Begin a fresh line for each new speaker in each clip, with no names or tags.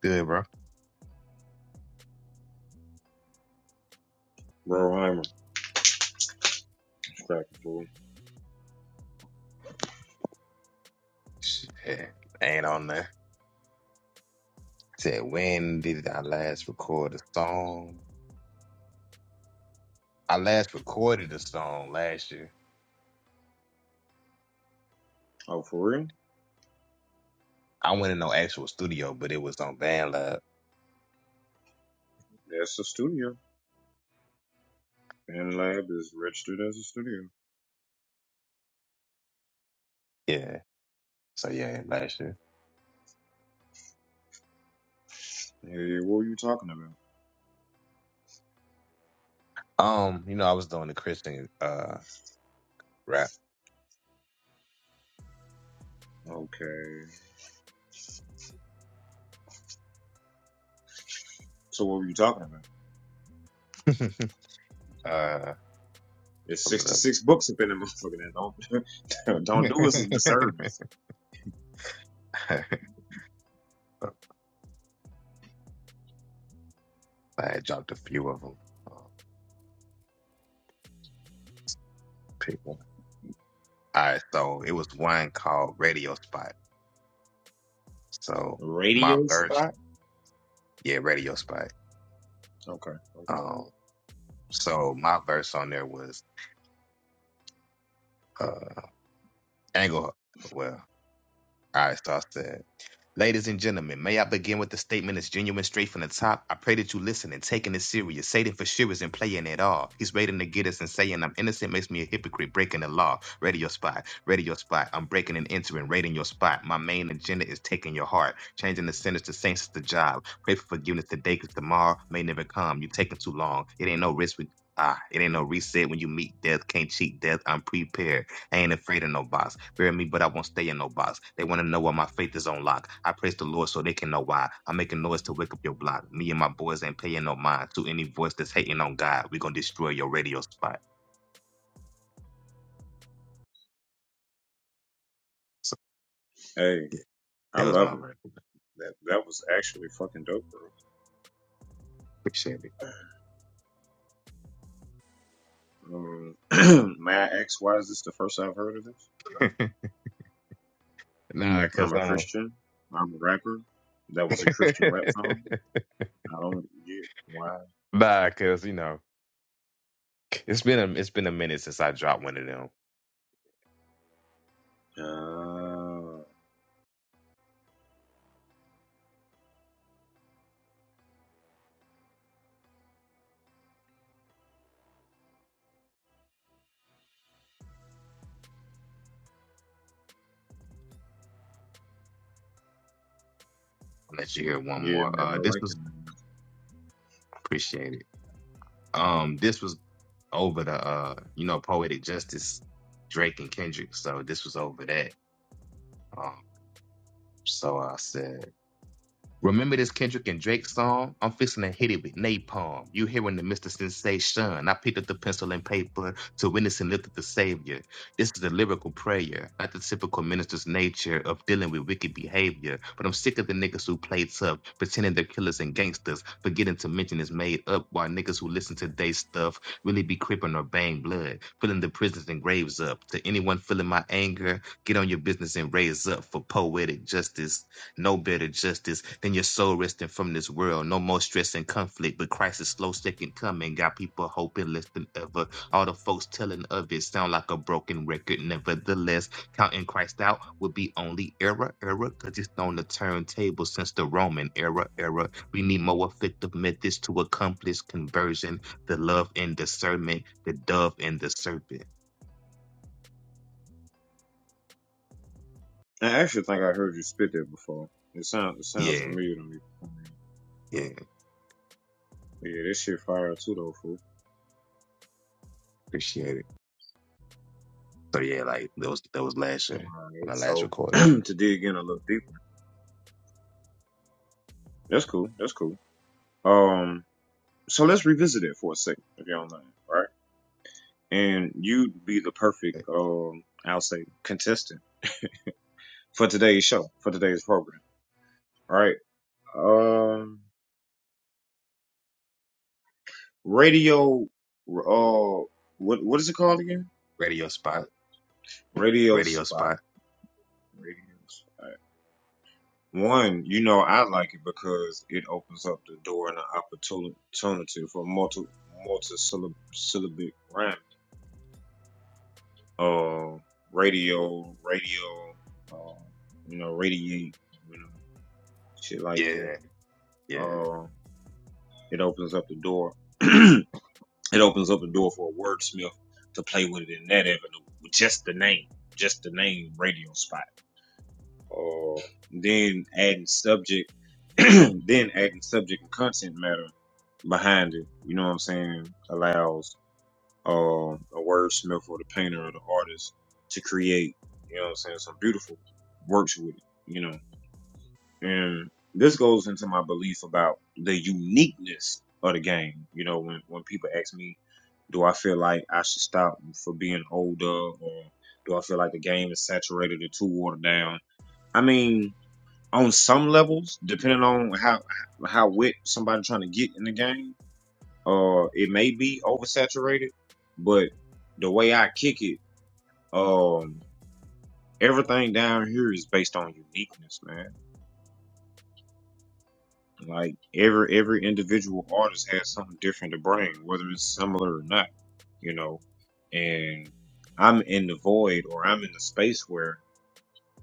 Good, bro.
Bro, I'm distracted, bro.
Shit, ain't on there. Said when did I last record a song? I last recorded a song last year.
Oh, for real?
I went in no actual studio, but it was on BandLab.
That's a studio. Fan Lab is registered as a studio.
Yeah. So yeah, last year.
Hey, what were you talking about?
Um, you know, I was doing the Christian uh rap.
Okay. So what were you talking about?
uh, a
There's
little.
66 books up in the motherfucker that don't, don't do us a disservice.
I had dropped a few of them. Uh, pick one. All right, so it was one called Radio Spot. So my
Radio
verse,
spot?
yeah, Radio Spot.
Okay, okay.
Um, So my verse on there was uh angle. Well, all right. So I said. Ladies and gentlemen, may I begin with a statement that's genuine straight from the top? I pray that you listen and taking this serious. Satan for sure isn't playing at all. He's waiting to get us and saying I'm innocent makes me a hypocrite, breaking the law. Radio spot, radio spot. I'm breaking and entering, raiding your spot. My main agenda is taking your heart, changing the sinners to saints is the job. Pray for forgiveness today, cause tomorrow may never come. You're taking too long. It ain't no risk with Ah, it ain't no reset when you meet death. Can't cheat death. I'm prepared. I ain't afraid of no box. Bury me, but I won't stay in no box. They want to know why my faith is on lock. I praise the Lord so they can know why. I'm making noise to wake up your block. Me and my boys ain't paying no mind to any voice that's hating on God. we going to destroy your radio spot. So,
Hey,
yeah,
I
that was
love
my
it.
verse.
That that was actually fucking dope,
Appreciate
bro. Um, may I ask why is this the first I've heard of this?
it. nah,
I'm
cause
a
um,
Christian. I'm a rapper. That was a Christian rap song. I don't get why
nah, cause you know, it's been a it's been a minute since I dropped one of them.
Uh,
I'll let you hear one
yeah,
more.
man,
Uh,
I
this
like it,
was
man.
appreciated. Um, this was over the uh, you know, Poetic Justice, Drake and Kendrick. So this was over that. Um, so I said. Remember this Kendrick and Drake song? I'm fixing to hit it with napalm. You hearing the Mr. Sensation. I picked up the pencil and paper to witness and lift up the Savior. This is a lyrical prayer, not the typical minister's nature of dealing with wicked behavior. But I'm sick of the niggas who play tough, pretending they're killers and gangsters, forgetting to mention it's made up while niggas who listen to they stuff really be crippin' or bang blood, filling the prisons and graves up. To anyone feeling my anger, get on your business and raise up for poetic justice no better justice than your soul resting from this world. No more stress and conflict, but Christ's slow second coming got people hoping less than ever. All the folks telling of it sound like a broken record. Nevertheless, counting Christ out would be only error, error, because it's on the turntable since the Roman era, era. We need more effective methods to accomplish conversion, the love and discernment, the dove and the serpent.
I actually think I heard you spit that before. It sounds it sounds
Yeah,
familiar to me.
yeah,
Yeah, this shit fire too though, fool.
appreciate it. So yeah, like that was that was last year
Alright,
when I last
so
recorded.
to dig in a little deeper. That's cool. That's cool. Um, so let's revisit it for a second, if you don't mind, right? And you'd be the perfect, um, I'll say, contestant for today's show, for today's program, right? Um, radio, uh, what what is it called again?
radio spot,
Radio
radio
spy.
spot.
Radios. Alright. One, you know, I like it because it opens up the door and the opportunity for multi multi syllab syllabic rhyme. Uh, radio, radio, uh, you know, radiate, you know, shit like that.
Yeah, yeah,
Uh, it opens up the door. it opens up the door for a wordsmith to play with it in that avenue with just the name, just the name radio spot. or then adding subject, then adding subject and content matter behind it. You know what I'm saying? Allows uh, a wordsmith or the painter or the artist to create. You know what I'm saying? Some beautiful works with it. You know, and this goes into my belief about the uniqueness of the game. You know, when when people ask me, do I feel like I should stop for being older or do I feel like the game is saturated or too watered down? I mean, on some levels, depending on how how wet somebody trying to get in the game, uh, it may be oversaturated. But the way I kick it, um, everything down here is based on uniqueness, man. Like every every individual artist has something different to bring, whether it's similar or not, you know. And I'm in the void, or I'm in the space where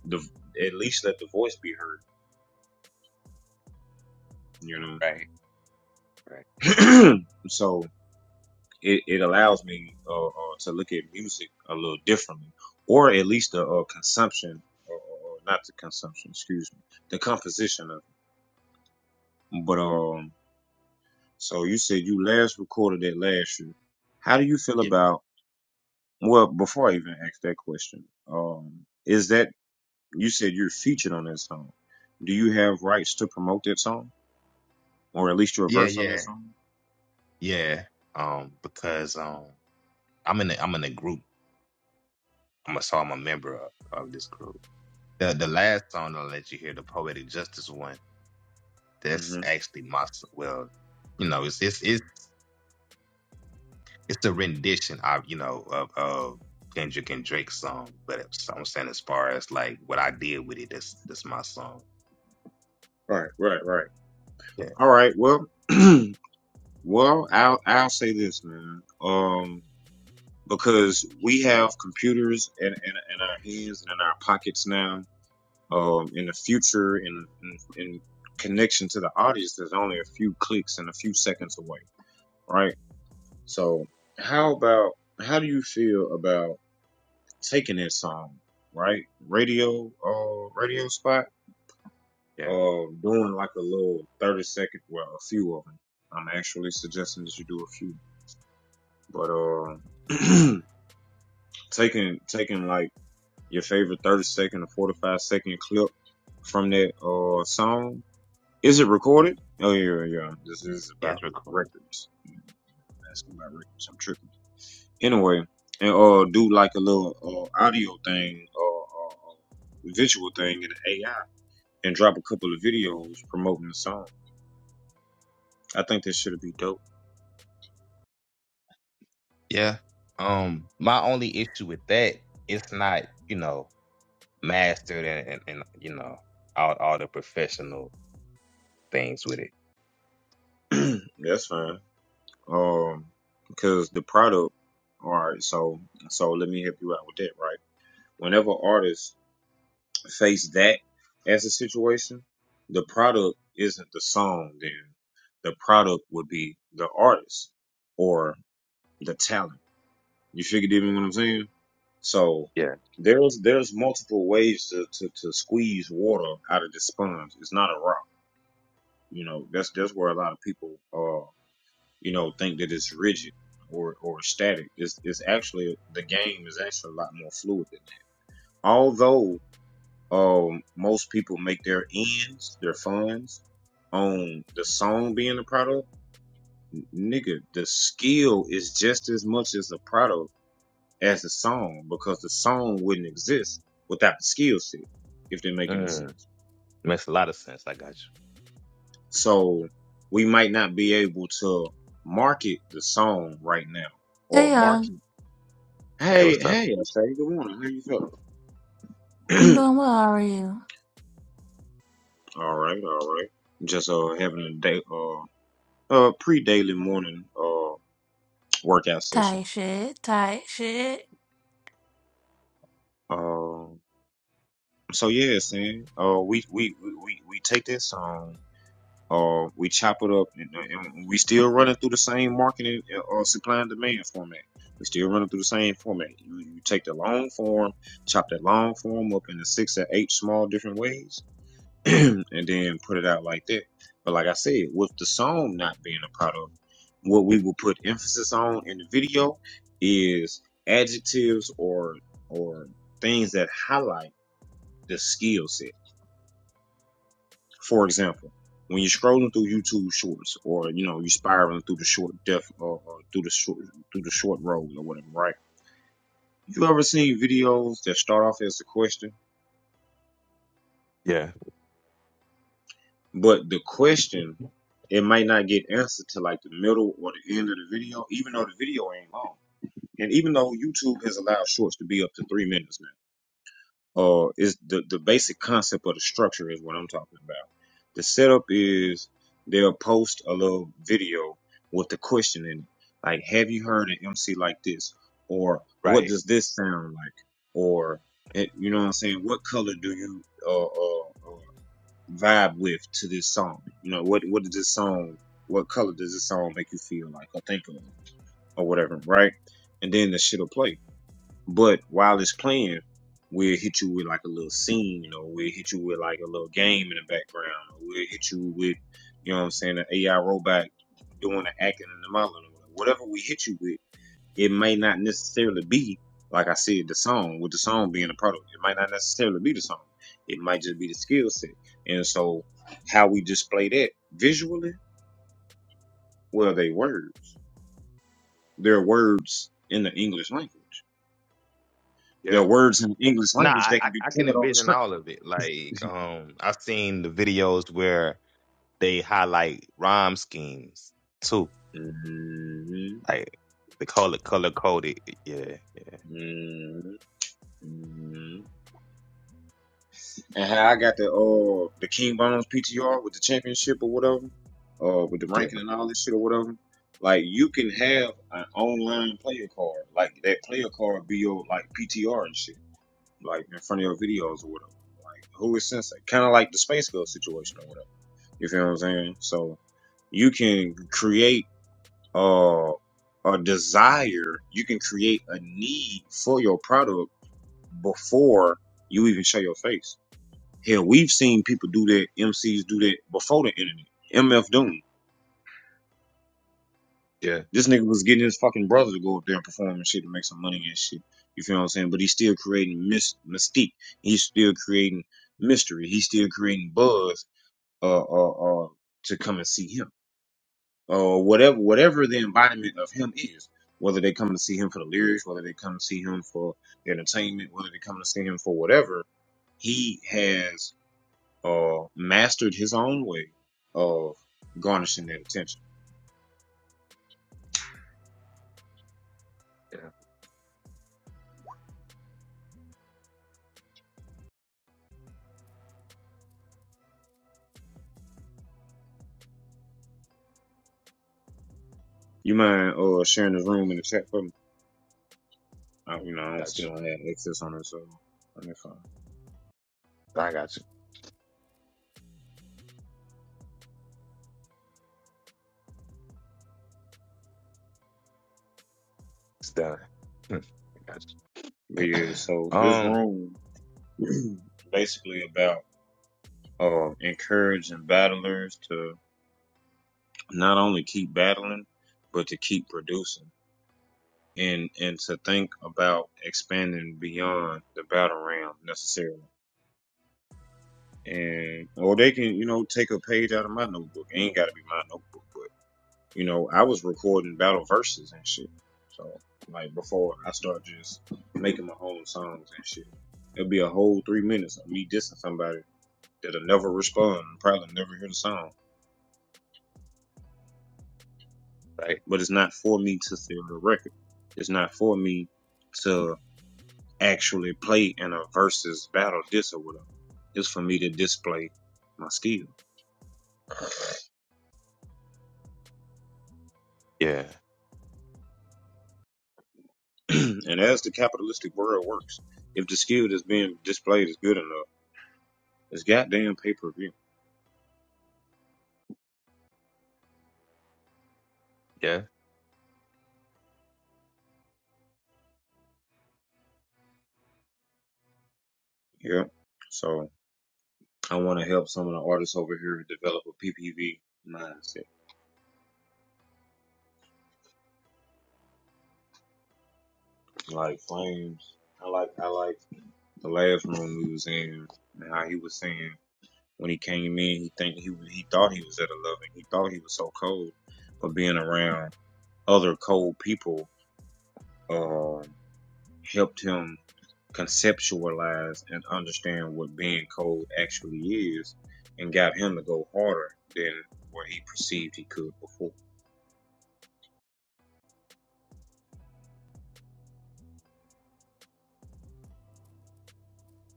the at least let the voice be heard, you
Right, right.
know. so it, it allows me uh, uh, to look at music a little differently, or at least the uh, consumption, or, or not the consumption, excuse me, the composition of. It. But um, so you said you last recorded that last year. How do you feel
yeah,
about? Well, before I even ask that question, um, is that you said you're featured on that song? Do you have rights to promote that song, or at least your
yeah,
verse on that
yeah,
song?
yeah. Um, because um, I'm in a, I'm in a group. I'm a, so I'm a member of, of this group. The the last song I'll let you hear, the poetic justice one. That's
Mm-hmm.
actually my s- well, you know, it's it's it's it's a rendition of you know of of Kendrick and Drake's song. But it's, I'm saying as far as like what I did with it, that's that's my song.
Right, right, right.
Yeah,
All right. Well. Well, I'll I'll say this, man. Um, because we have computers in, in, in our hands and in our pockets now. Um, in the future, in, in in connection to the audience, there's only a few clicks and a few seconds away, right? So, how about how do you feel about taking that song, right? Radio, uh, radio spot,
yeah,
uh, doing like a little thirty second, well, a few of them. I'm actually suggesting that you do a few, but uh. taking taking like your favorite thirty second or forty five second clip from that uh song. Is it recorded? Oh yeah, yeah. yeah. This is
yeah. It's
about
recorded.
records. Asking about records. I'm tripping. Anyway, and uh do like a little uh, audio thing or uh, uh, visual thing in AI and drop a couple of videos promoting the song. I think that should be dope.
Yeah. Um, my only issue with that, it's not, you know, mastered and, and, and you know, all all the professional things with it.
That's fine. Um, because the product. All right, so so let me help you out with that, right? whenever artists face that as a situation, the product isn't the song then. The product would be the artist or the talent. You figured even what I'm saying? So
Yeah.
there's there's multiple ways to, to, to squeeze water out of the sponge. It's not a rock. You know, that's that's where a lot of people uh you know think that it's rigid or, or static. It's it's actually the game is actually a lot more fluid than that. Although Um, most people make their ends, their funds, on the song being a product. Nigga, the skill is just as much as a product as the song because the song wouldn't exist without the skill set, if they're making a
Mm.
sense.
Makes a lot of sense. I got you.
So we might not be able to market the song right now
Hey
or
y'all,
market.
Hey,
Hey,
what's up?
hey, I say good morning. How you feeling?
I'm doing well. How are you?
all right, all right. Just uh having a day uh uh pre daily morning. uh workout session.
Tight shit, tight shit.
Um, so yeah, Sam. Uh, we we we we we take that song. Uh, we chop it up, and, and we still running through the same marketing or uh, supply and demand format. We still running through the same format. You, you take the long form, chop that long form up into six or eight small different ways, and then put it out like that. But like I said, with the song not being a part of it, what we will put emphasis on in the video is adjectives or or things that highlight the skill set. For example, when you're scrolling through YouTube Shorts, or you know you're spiraling through the short def or, or through the short through the short road or whatever, right? You ever seen videos that start off as a question
Yeah.
But the question, it might not get answered to like the middle or the end of the video, even though the video ain't long. And even though YouTube has allowed shorts to be up to three minutes now, uh, is the, the basic concept of the structure is what I'm talking about. The setup is they'll post a little video with the question in it. Like, have you heard an MC like this? Or what
Right.
does this sound like? Or, eh, you know what I'm saying? What color do you, uh, uh, uh, vibe with to this song? You know, what what does this song, what color does this song make you feel like or think of or whatever, right? And then the shit'll play. But while it's playing, we'll hit you with like a little scene, or we'll hit you with like a little game in the background, or we'll hit you with, you know what I'm saying, an AI robot doing the acting and the modeling, or whatever we hit you with it may not necessarily be like I said the song with the song being a product. It might not necessarily be the song. It might just be the skill set. And so how we display that visually, well, they words. They're words in the English language. There
Yeah.
are words in the English
Nah,
language
I,
that
I
can be
I can
printed on the
envision
script.
all of it. Like, um, I've seen the videos where they highlight rhyme schemes too.
Mhm,
Like they call it color coded. Yeah, yeah.
mhm, mhm. and how I got the uh the King Bones PTR with the championship or whatever, uh with the
Yeah.
ranking and all this shit or whatever. Like you can have an online player card, like that player card be your like PTR and shit, like in front of your videos or whatever. Who is sensei? Kind of like the Space Girl situation or whatever. You feel what I'm saying? So you can create uh a desire, you can create a need for your product before you even show your face. Hell, we've seen people do that, MCs do that before the internet. MF Doom.
Yeah.
This nigga was getting his fucking brother to go up there and perform and shit to make some money and shit. You feel what I'm saying? But he's still creating mys- mystique. He's still creating mystery. He's still creating buzz uh, uh, uh, to come and see him. Or uh, whatever whatever the embodiment of him is. Whether they come to see him for the lyrics, whether they come to see him for the entertainment, whether they come to see him for whatever, he has. uh, mastered his own way of garnishing that attention.
Yeah.
You mind uh, sharing the room in the chat for me? I, you know, I don't
Got
still
you.
don't have access on it, so on their phone.
I got you. It's done. I got you.
But yeah, so this
Um,
room basically about uh, encouraging battlers to not only keep battling, but to keep producing. And, and to think about expanding beyond the battle realm necessarily. And or they can, you know, take a page out of my notebook. It ain't gotta be my notebook, but You know, I was recording battle verses and shit. So like before I start just making my own songs and shit. It'll be a whole three minutes of me dissing somebody that'll never respond and probably never hear the song.
right.
But it's not for me to sell the record. It's not for me to actually play in a versus battle diss or whatever. It's for me to display my skill.
Yeah.
and as the capitalistic world works, if the skill that's being displayed is good enough, it's goddamn pay per view.
Yeah.
Yeah. So I want to help some of the artists over here develop a PPV mindset. Like Flames, I like I like the last room we was in and how he was saying when he came in, he think he he thought he was at a loving. He thought he was so cold, but being around other cold people um helped him conceptualize and understand what being cold actually is, and got him to go harder than what he perceived he could before.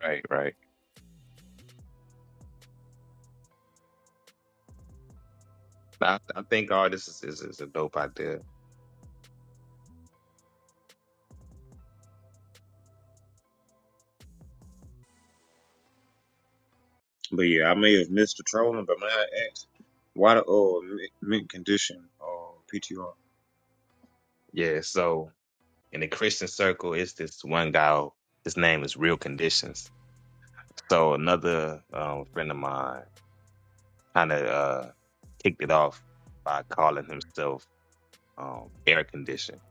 Right. Right. I, I think all this is, is, is a dope idea.
But yeah, I may have missed the trolling, but may I ask why the oh mint condition oh PTR?
Yeah. So in the Christian circle, it's this one guy. His name is Real Conditions. So another um, friend of mine kind of uh, kicked it off by calling himself um, Air Condition.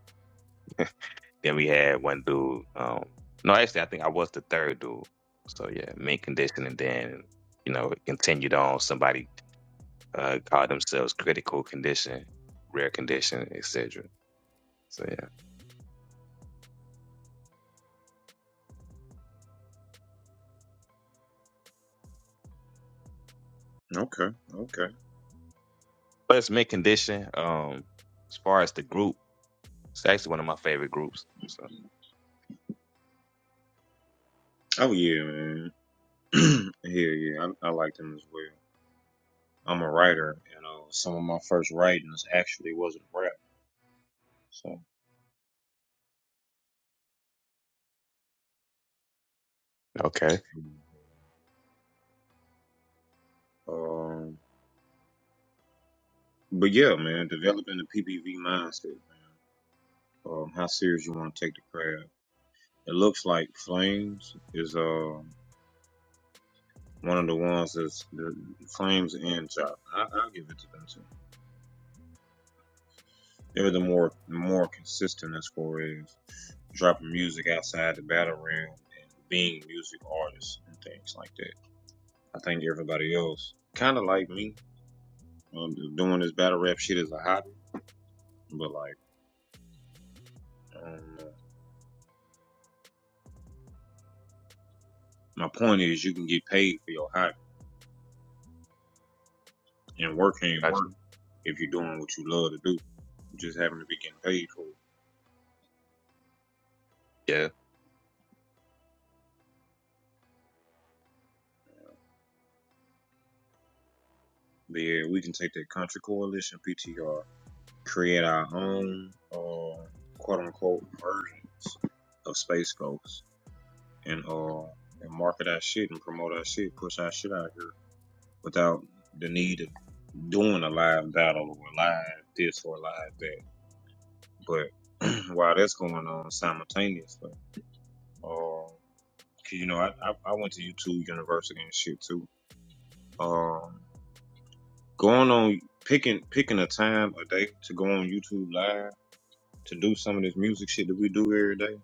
Then we had one dude. Um, no, actually, I think I was the third dude. So yeah, Mint Condition, and then you know it continued on. Somebody uh, call themselves critical condition, rare condition, etc. So yeah,
Okay, okay.
but it's mid condition. Um, as far as the group, it's actually one of my favorite groups. So
Oh yeah, man. yeah, yeah. I, I like them as well. I'm a writer, you know. Some of my first writings actually wasn't rap, so.
Okay.
Um, but yeah, man, developing the PPV mindset, man. Um, how serious you want to take the craft? It looks like Flames is uh one of the ones that's the Flames and Chop. I, I'll give it to them too. They were the more more consistent as far as dropping music outside the battle realm and being music artists and things like that. I think everybody else, kind of like me, um, doing this battle rap shit as a hobby, but like, um, my point is you can get paid for your hobby, and work ain't work
gotcha.
if you're doing what you love to do. You just happen to be getting paid for it.
Yeah,
But yeah, we can take that Country Coalition PTR, create our own uh, quote unquote versions of Space Ghost and uh and market our shit and promote our shit, push our shit out here without the need of doing a live battle or a live this or a live that. But while that's going on simultaneously, uh, 'cause, you know, I, I I went to YouTube University and shit too. Um, going on picking picking a time a day to go on YouTube live to do some of this music shit that we do every day.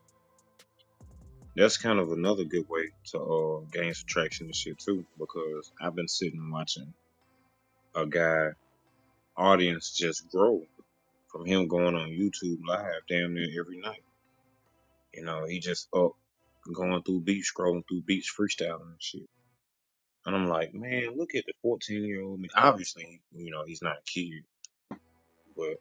That's kind of another good way to uh, gain some traction and shit too, because I've been sitting watching a guy audience just grow from him going on YouTube live damn near every night. You know, he just up going through beats, scrolling through beats, freestyling and shit. And I'm like, man, look at the 14 year old I mean, Obviously, you know, he's not a kid, but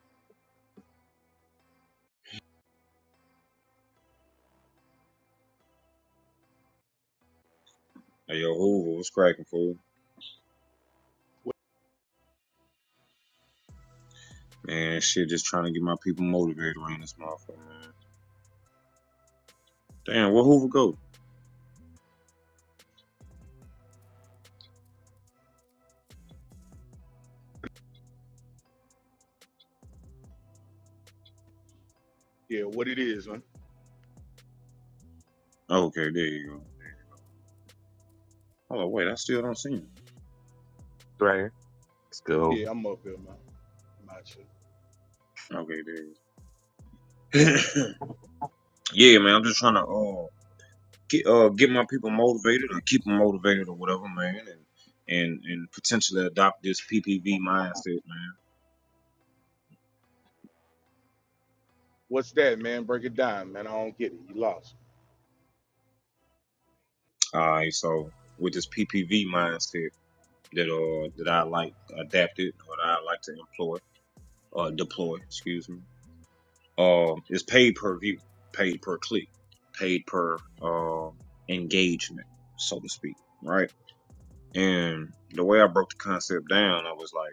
hey, yo, Hoover was cracking fool. Man, shit, just trying to get my people motivated around this motherfucker, man. Damn, where Hoover go?
Yeah, what it is, man.
Okay, there you go. Oh wait, I still don't see him.
right here. Let's go. over.
Yeah, I'm up here, man. I'm out here.
Okay, there. you go. yeah, man, I'm just trying to oh, get uh get my people motivated or keep them motivated or whatever, man, and and and potentially adopt this PPV mindset, man.
What's that, man? Break it down, man. I don't get it. You lost.
All right, so with this PPV mindset that uh that I like adapted or that I like to employ uh deploy, excuse me, um, uh, is paid per view, paid per click, paid per uh, engagement, so to speak, right? And the way I broke the concept down, I was like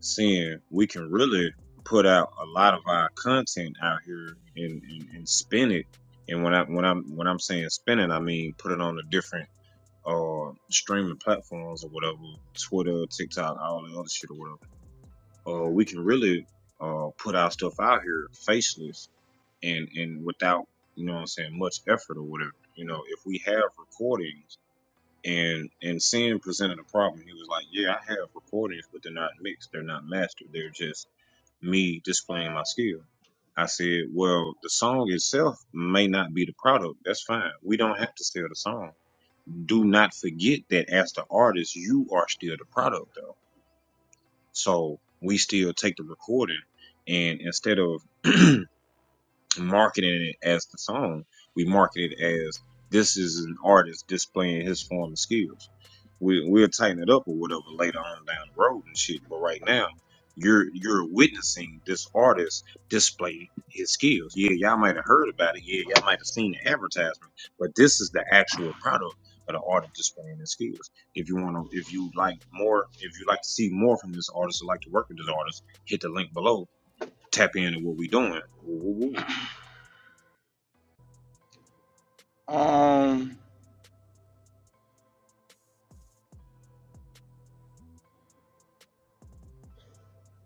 seeing we can really put out a lot of our content out here and, and, and spin it. And when I when I'm when I'm saying spin it, I mean put it on the different uh streaming platforms or whatever, Twitter, TikTok, all the other shit or whatever. Uh, we can really uh put our stuff out here faceless and and without you know what I'm saying much effort or whatever. You know, if we have recordings and and Sin presented a problem, he was like, yeah, I have recordings, but they're not mixed, they're not mastered, they're just me displaying my skill. I said, well, the song itself may not be the product. That's fine. We don't have to sell the song. Do not forget that as the artist, you are still the product though. So we still take the recording and instead of marketing it as the song. We market it as this is an artist displaying his form and skills. We we'll tighten it up or whatever later on down the road and shit. But right now, you're you're witnessing this artist display his skills. Yeah, y'all might have heard about it. Yeah, y'all might have seen the advertisement, but this is the actual product of the artist displaying his skills. If you want to, if you like more, if you like to see more from this artist or like to work with this artist, hit the link below. Tap into what we're doing. Woo, woo, woo.
Um,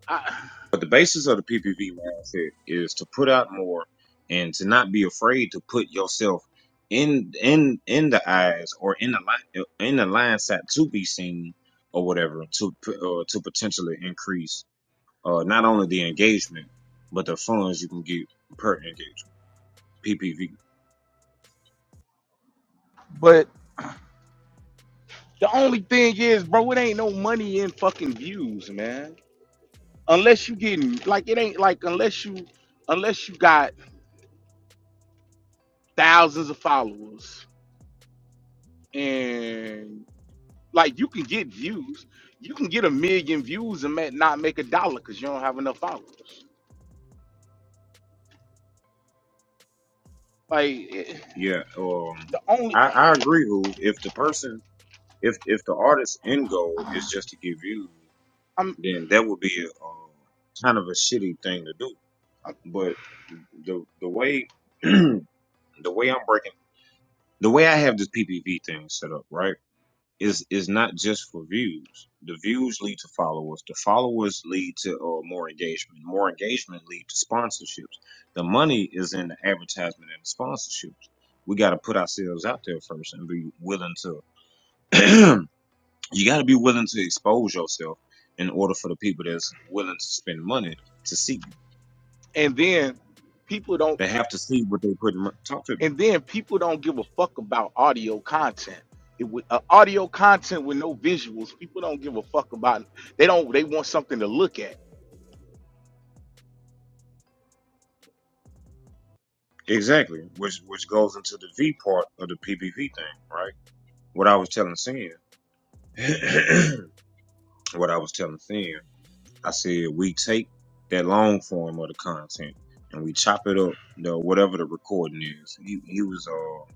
I,
But the basis of the PPV mindset is to put out more and to not be afraid to put yourself in in in the eyes or in the line in the line sight to be seen or whatever to uh, to potentially increase uh, not only the engagement but the funds you can get per engagement PPV.
but the only thing is, bro, it ain't no money in fucking views, man. Unless you getting like it ain't like unless you unless you got thousands of followers and like you can get views, you can get a million views and ma- not make a dollar because you don't have enough followers. Like it,
Yeah, um,
the only
I, I agree. Who if the person if if the artist's end goal is just to get views,
I'm
then that would be a, uh, kind of a shitty thing to do But the the way the way I'm breaking the way I have this PPV thing set up, right, is is not just for views. The views lead to followers. The followers lead to uh, more engagement. More engagement lead to sponsorships. The money is in the advertisement and the sponsorships. We got to put ourselves out there first and be willing to. you got to be willing to expose yourself in order for the people that's willing to spend money to see you.
and then people don't
They have to see what they put. in- Talk to me.
And then people don't give a fuck about audio content. It would, uh, audio content with no visuals, people don't give a fuck about. They don't. They want something to look at.
Exactly, which which goes into the V part of the PPP thing, right? What I was telling Sin, what I was telling Sin, I said we take that long form of the content and we chop it up, you know, whatever the recording is. He he was uh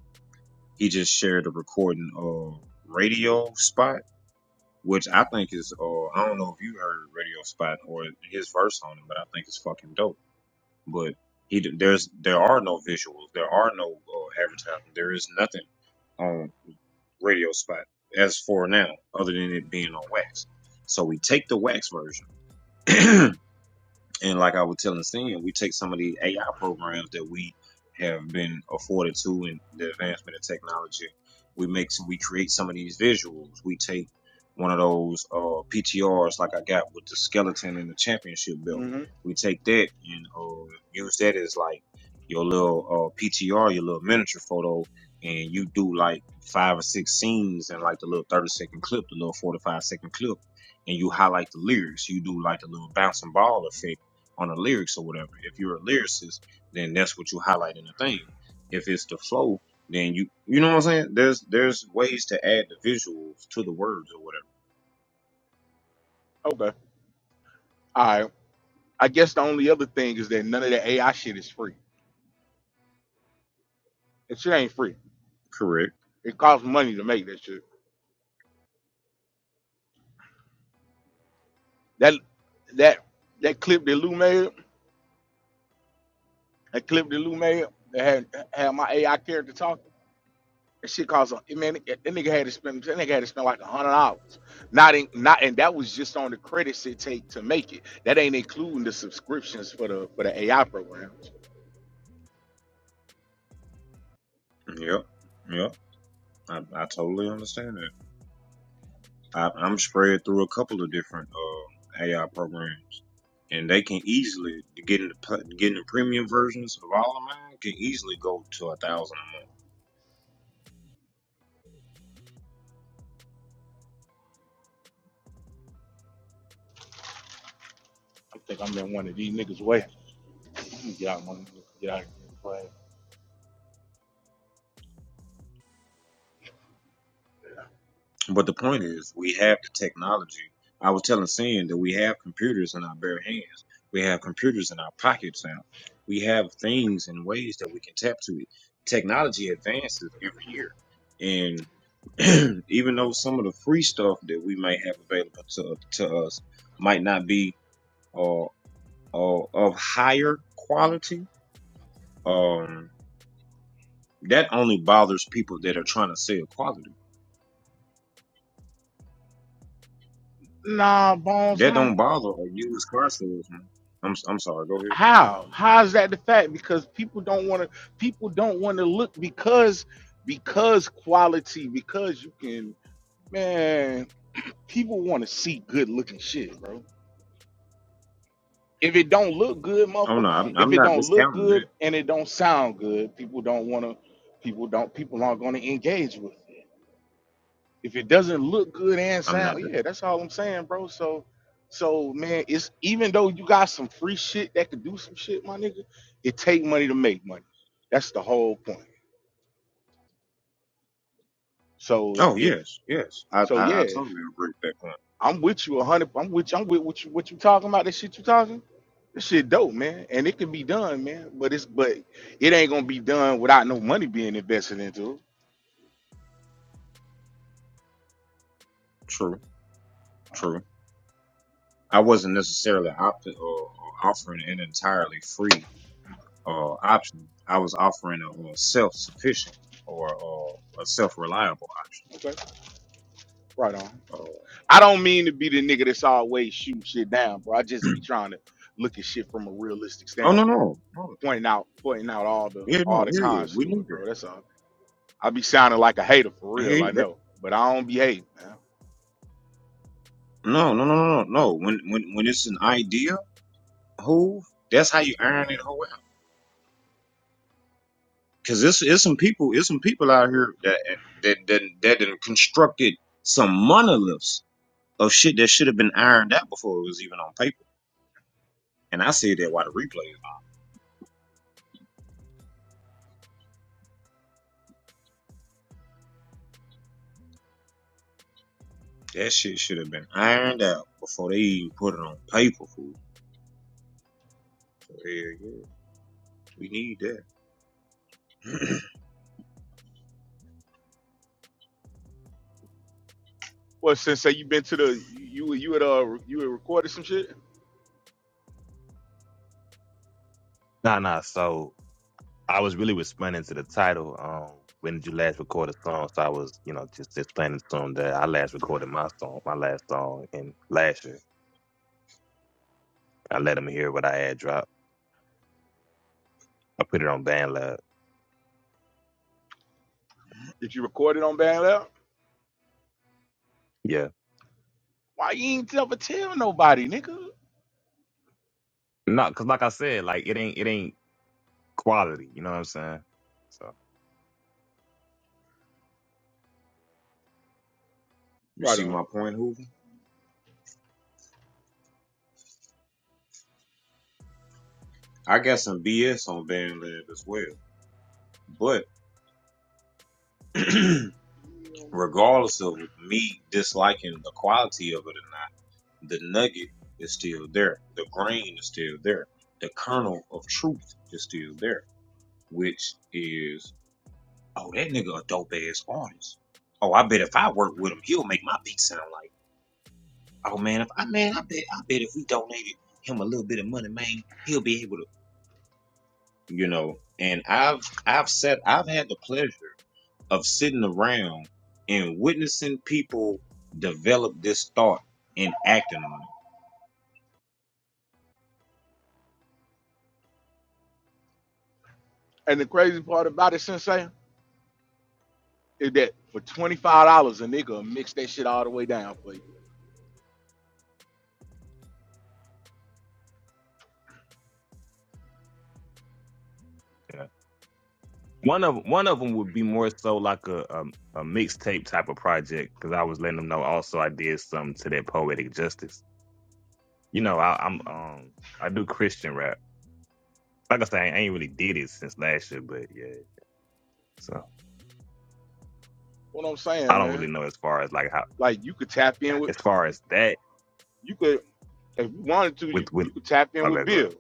he just shared a recording of Radio Spot, which I think is uh I don't know if you heard Radio Spot or his verse on it, but I think it's fucking dope but he d- there's there are no visuals, there are no uh, advertisement, there is nothing on radio spot as for now, other than it being on wax. So we take the wax version And like I was telling Sin, we take some of the AI programs that we have been afforded to in the advancement of technology. We make we create some of these visuals. We take one of those uh, PTRs like I got with the skeleton and the championship belt.
hmm
We take that and uh, use that as like your little uh, PTR, your little miniature photo, and you do like five or six scenes and like the little thirty second clip, the little forty-five-second clip, and you highlight the lyrics. You do like the little bouncing ball effect on the lyrics or whatever. If you're a lyricist, then that's what you highlight in the thing. If it's the flow, then you you know what I'm saying. There's there's ways to add the visuals to the words or whatever.
Okay. All right. I guess the only other thing is that none of that AI shit is free. That shit ain't free.
Correct.
It costs money to make that shit. That that that clip that Lou made, that clip that Lou made, that had had my AI character talking. That shit cost a man. That nigga had to spend. That nigga had to spend like a hundred dollars. Not in not, and that was just on the credits it take to make it. That ain't including the subscriptions for the for the AI programs.
Yep. Yep. I, I totally understand that. I, I'm spread through a couple of different uh, AI programs, and they can easily get in the getting the premium versions of all of mine can easily go to a thousand a month.
I think I'm in one of these niggas' way. Let me Get out of one. Get out of this way.
But the point is, we have the technology. I was telling Sin that we have computers in our bare hands. We have computers in our pockets now. We have things and ways that we can tap to it. Technology advances every year. And even though some of the free stuff that we might have available to, to us might not be uh, uh, of higher quality, um, that only bothers people that are trying to sell quality
Nah, bones.
That
How?
don't bother a used car salesman. I'm s- I'm sorry. Go ahead.
How? How is that the fact? Because people don't want to. People don't want to look because because quality because you can man. People want to see good looking shit, bro. If it don't look good,
Oh
motherfucker,
no, I'm
if
I'm
it
not
don't look
discounting that.
good and it don't sound good, people don't wanna people don't people aren't gonna engage with it. If it doesn't look good and
I'm not.
sound,
di-
yeah, that's all I'm saying, bro. So so man, it's even though you got some free shit that could do some shit, my nigga, it take money to make money. That's the whole point. So if
oh
if
yes, yes. I,
so
I I
yeah,
totally agree with that point.
I'm with you a hundred I'm with I'm with what you what you talking about, that shit you talking. This shit dope, man, and it can be done, man. But it's but it ain't gonna be done without no money being invested into
True, true. I wasn't necessarily opt- uh, offering an entirely free uh, option. I was offering a, uh self-sufficient or uh, a self-reliable option.
it. Okay, right on.
Uh,
I don't mean to be the nigga that's always shooting shit down, bro. I just be trying to look at shit from a realistic
oh no,
standpoint,
no, no.
pointing out pointing out all the
Yeah,
all
no,
the
yeah, yeah.
cons
We
to
need
it, bro.
that.
That's all. I be sounding like a hater for real,
Hey,
I
that.
know, but I don't be hating, man.
No, no, no, no, no. no. When when when it's an idea, who? That's how you iron it home because it's, it's some people it's some people out here that that that that done constructed some monoliths of shit that should have been ironed out before it was even on paper. And I said that while the replay is on. That shit should have been ironed out before they even put it on paper, fool. Hell yeah. We need that.
Well, since say you been to the you you you had uh you had recorded some shit.
Nah, nah. So I was really responding to the title. Um, when did you last record a song? So I was, you know, just explaining to him that I last recorded my song, my last song, in last year. I let him hear what I had dropped. I put it on BandLab.
Did you record it on Band Lab?
Yeah.
Why you ain't never tell nobody, nigga?
No, cause like I said, like it ain't, it ain't. quality. You know what I'm saying? So
You see
Right
my point, Hoover? I got some BS on Van Lab as well. But regardless of me disliking the quality of it or not. The nugget is still there. The grain is still there. The kernel of truth is still there, which is, oh, that nigga a dope ass artist. Oh, I bet if I work with him, he'll make my beat sound like. Oh man, if I man, I bet I bet if we donated him a little bit of money, man, he'll be able to, you know. And I've I've said I've had the pleasure of sitting around and witnessing people develop this thought and acting on it.
And the crazy part about it, Sensei, is that for twenty five dollars, a nigga will mix that shit all the way down for you.
yeah, one of one of them would be more so like a a, a mixtape type of project because I was letting them know also I did something to that poetic justice. You know, I, I'm um I do Christian rap. Like I said, I ain't really did it since last year, but yeah. So
What I'm
I
saying,
don't really
man,
know as far as like how
like you could tap in with,
as far as that
you could if you wanted to, you
with with
you could tap in
my
with
background.
Bill.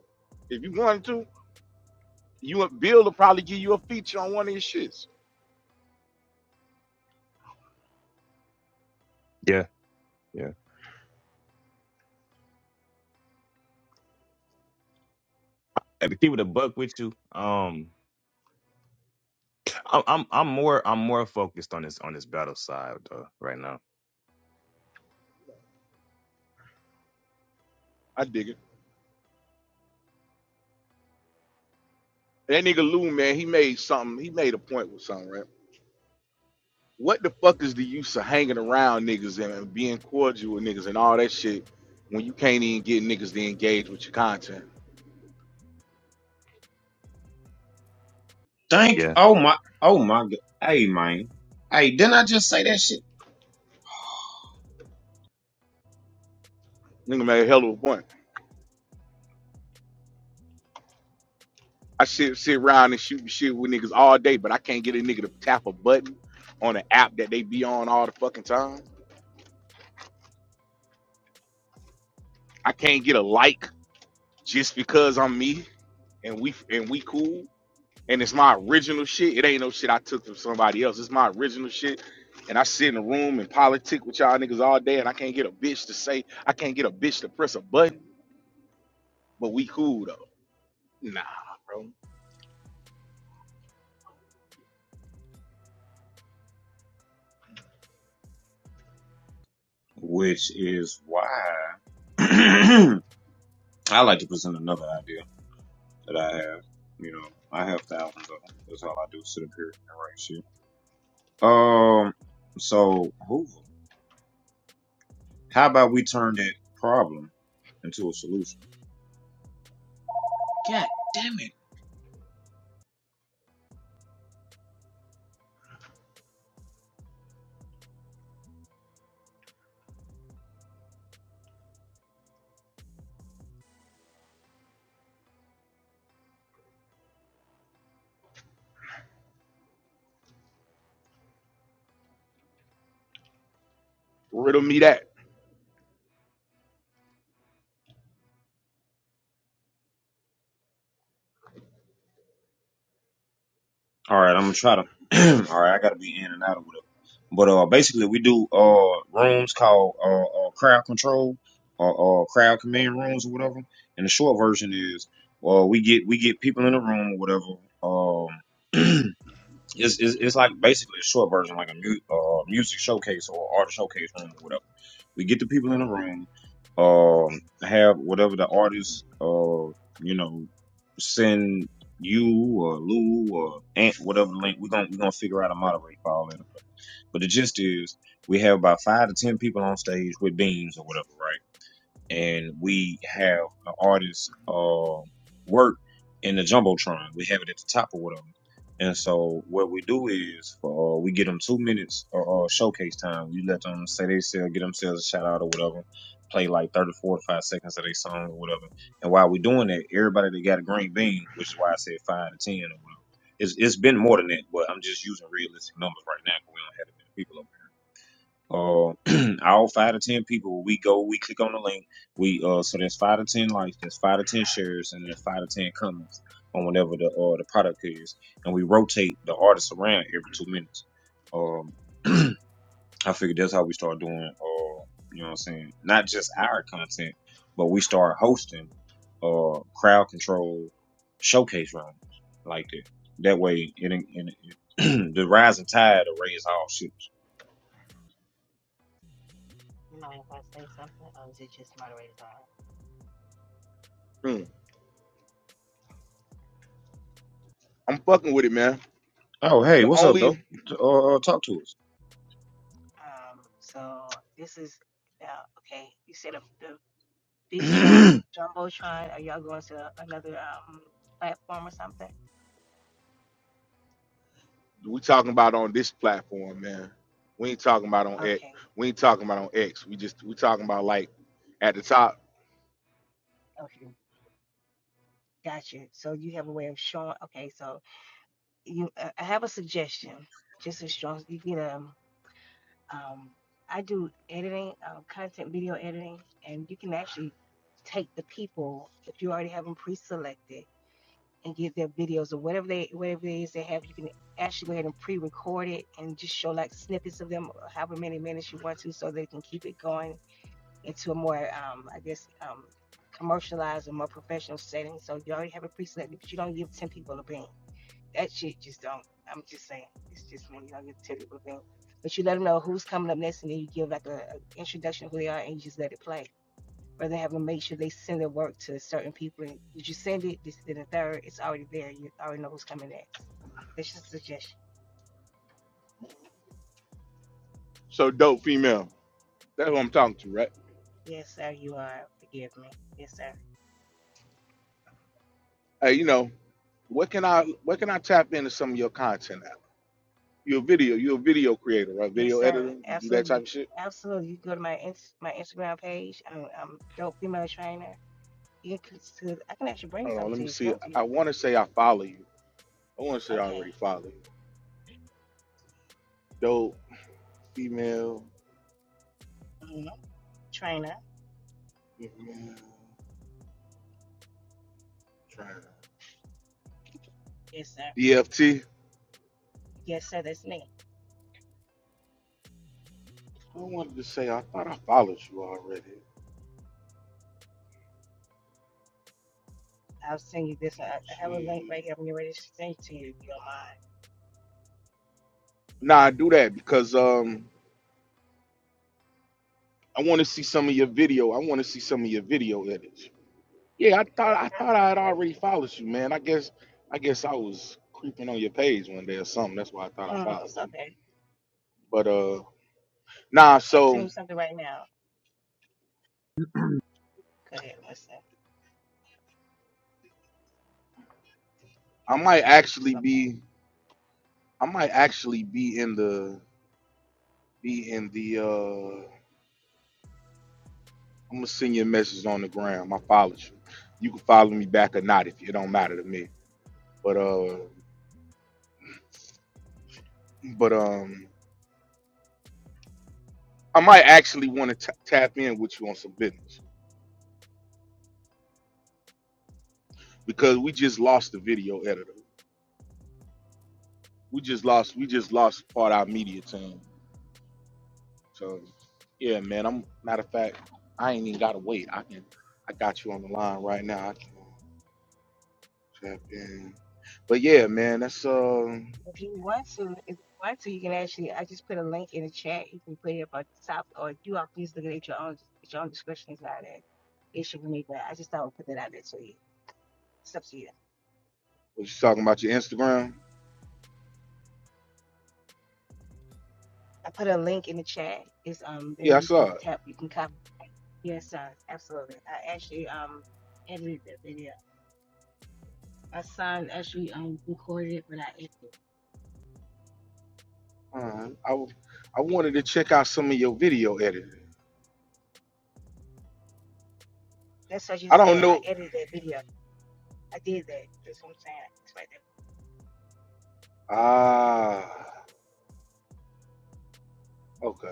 If you wanted to, you want Bill to probably give you a feature on one of his shits.
Yeah, yeah. And to keep it a buck with you, um, I'm I'm I'm more I'm more focused on this on this battle side though right now.
I dig it. That nigga Lou, man, he made something. He made a point with something, right? What the fuck is the use of hanging around niggas and and being cordial with niggas and all that shit when you can't even get niggas to engage with your content?
Thank
Yeah.
oh my oh my god. Hey man. Hey, didn't I just say that shit?
Nigga made a hell of a point. I sit sit around and shoot shit with niggas all day, but I can't get a nigga to tap a button on an app that they be on all the fucking time. I can't get a like just because I'm me and we and we cool and it's my original shit. It ain't no shit I took from somebody else. It's my original shit. And I sit in a room and politic with y'all niggas all day, and I can't get a bitch to say I can't get a bitch to press a button, but we cool though. Nah, bro,
Which is why I like to present another idea that I have. You know, I have thousands of them. That's all I do, sit up here and write shit. Um so Hoover, how about we turn that problem into a solution? God damn it.
riddle me that.
All right, I'm gonna try to. all right, I gotta be in and out of whatever. But uh, basically, we do uh rooms called uh, uh crowd control or uh, crowd command rooms or whatever. And the short version is, well, we get we get people in the room or whatever. Um, it's, it's it's like basically a short version, like a mu- uh, music showcase or art showcase room or whatever we get the people in the room, um, have whatever the artist, uh, you know, send you or Lou or Ant, whatever link. We're gonna we're gonna figure out a moderate for all that. But the gist is, we have about five to ten people on stage with beans or whatever, right? and we have an artist's uh, work in the jumbotron. We have it at the top of whatever. And so what we do is uh, we get them two minutes or uh, showcase time. We let them say they sell, get themselves a shout out or whatever. Play like 30, 45 seconds of their song or whatever. And while we're doing that, everybody that got a green bean, which is why I said five to ten or whatever. It's, it's been more than that, but I'm just using realistic numbers right now because we don't have that many people. over uh, all five to ten people, we go, we click on the link. We uh, so there's five to ten likes, there's five to ten shares, and there's five to ten comments on whatever the uh the product is, and we rotate the artists around every two minutes. Um, I figured that's how we start doing. Uh, you know what I'm saying? Not just our content, but we start hosting uh crowd control showcase rounds like that. That way, it, it, it the rising tide will raise all ships.
You mind if I say something? Or is it just moderated on?
Hmm. I'm fucking with it, man.
Oh, hey,
The
what's up,
only
dope? T- Uh, uh, talk to us.
Um, so this is Yeah. okay. You said the, the Bitron or Jumbotron. Are y'all going to another um platform or something?
we talking about on this platform, man. We ain't talking about on X.
Okay,
We ain't talking about on X. We just we talking about like at the top.
okay, gotcha. So you have a way of showing. Okay, so you, uh, I have a suggestion. Just as strong, you can um, um, I do editing, um, content video editing, and you can actually take the people if you already have them pre-selected and give their videos or whatever they whatever it is they have. You can actually go ahead and pre-record it and just show like snippets of them, however many minutes you want to, so they can keep it going into a more, um, I guess, um, commercialized or more professional setting. So you already have it pre-selected, but you don't give ten people a bean. That shit just don't. I'm just saying, it's just me. You don't give ten people a bean, but you let them know who's coming up next, and then you give like a, a introduction of who they are, and you just let it play or they have to make sure they send their work to certain people. And did you send it? This, then the third, it's already there. You already know who's coming next. That's just a suggestion.
So dope female. That's what I'm talking to, right?
Yes, sir, you are. Forgive me. Yes, sir.
Hey, you know, what can I what can I tap into some of your content at? You're a video, you're a video creator, right?
Yes,
Video
sir.
editor, you do that type
Absolutely.
of shit.
Absolutely. You go to my ins- my Instagram page. I'm, I'm dope female trainer. You can, click to. I can actually bring
Hold
some
on, let
to
me
you if you
see.
want to.
I wanna say I follow you. I wanna say I
Okay.
already follow you. Dope, female,
hmm Trainer.
female, trying to
Yes, sir.
DFT.
Yes, sir. That's me.
I wanted to say I thought I followed you already.
I'll send you this. I I have a link
She
right here when you're ready to send it to you if you
Nah, do that because um I want to see some of your video. I want to see some of your video edits. Yeah, I thought I thought I had already followed you, man. I guess I guess I was creeping on your page one day or something. That's why I thought
don't
I
mind. Uh, uh, uh,
followed
It's
you.
okay.
But uh nah,
I'm sending
so
you something right now. Go ahead, listen.
I
I
might
just sent you
actually
something.
be I might actually be in the be in the uh I'm gonna send you a message on the gram. I followed you. You can follow me back or not if it don't matter to me. But uh but um I might actually want to tap in with you on some business because we just lost the video editor. We just lost. We just lost part of our media team. So yeah, man. I'm matter of fact, I ain't even gotta wait. I can. I got you on the line right now. I can tap in. But yeah, man. That's uh,
If you want to, if you want to, you can actually. I just put a link in the chat. You can put it up on top, or if you are please look at your own at your own discretion. It's not that It should with me, but I just thought I'd put that out there to you. It's up to you.
what you talking about your Instagram?
I put a link in the chat. It's um there
Yeah, I
you
saw
can
it.
tap. You can copy. Yes, son. Absolutely. I actually um edited the video. My son actually um recorded it, but I edited. it.
All right. I w- I wanted to check out some of your video editing.
That's what you
I don't
said. I
know.
edited that video. I did that. That's what I'm saying. It's right there.
Ah, Okay.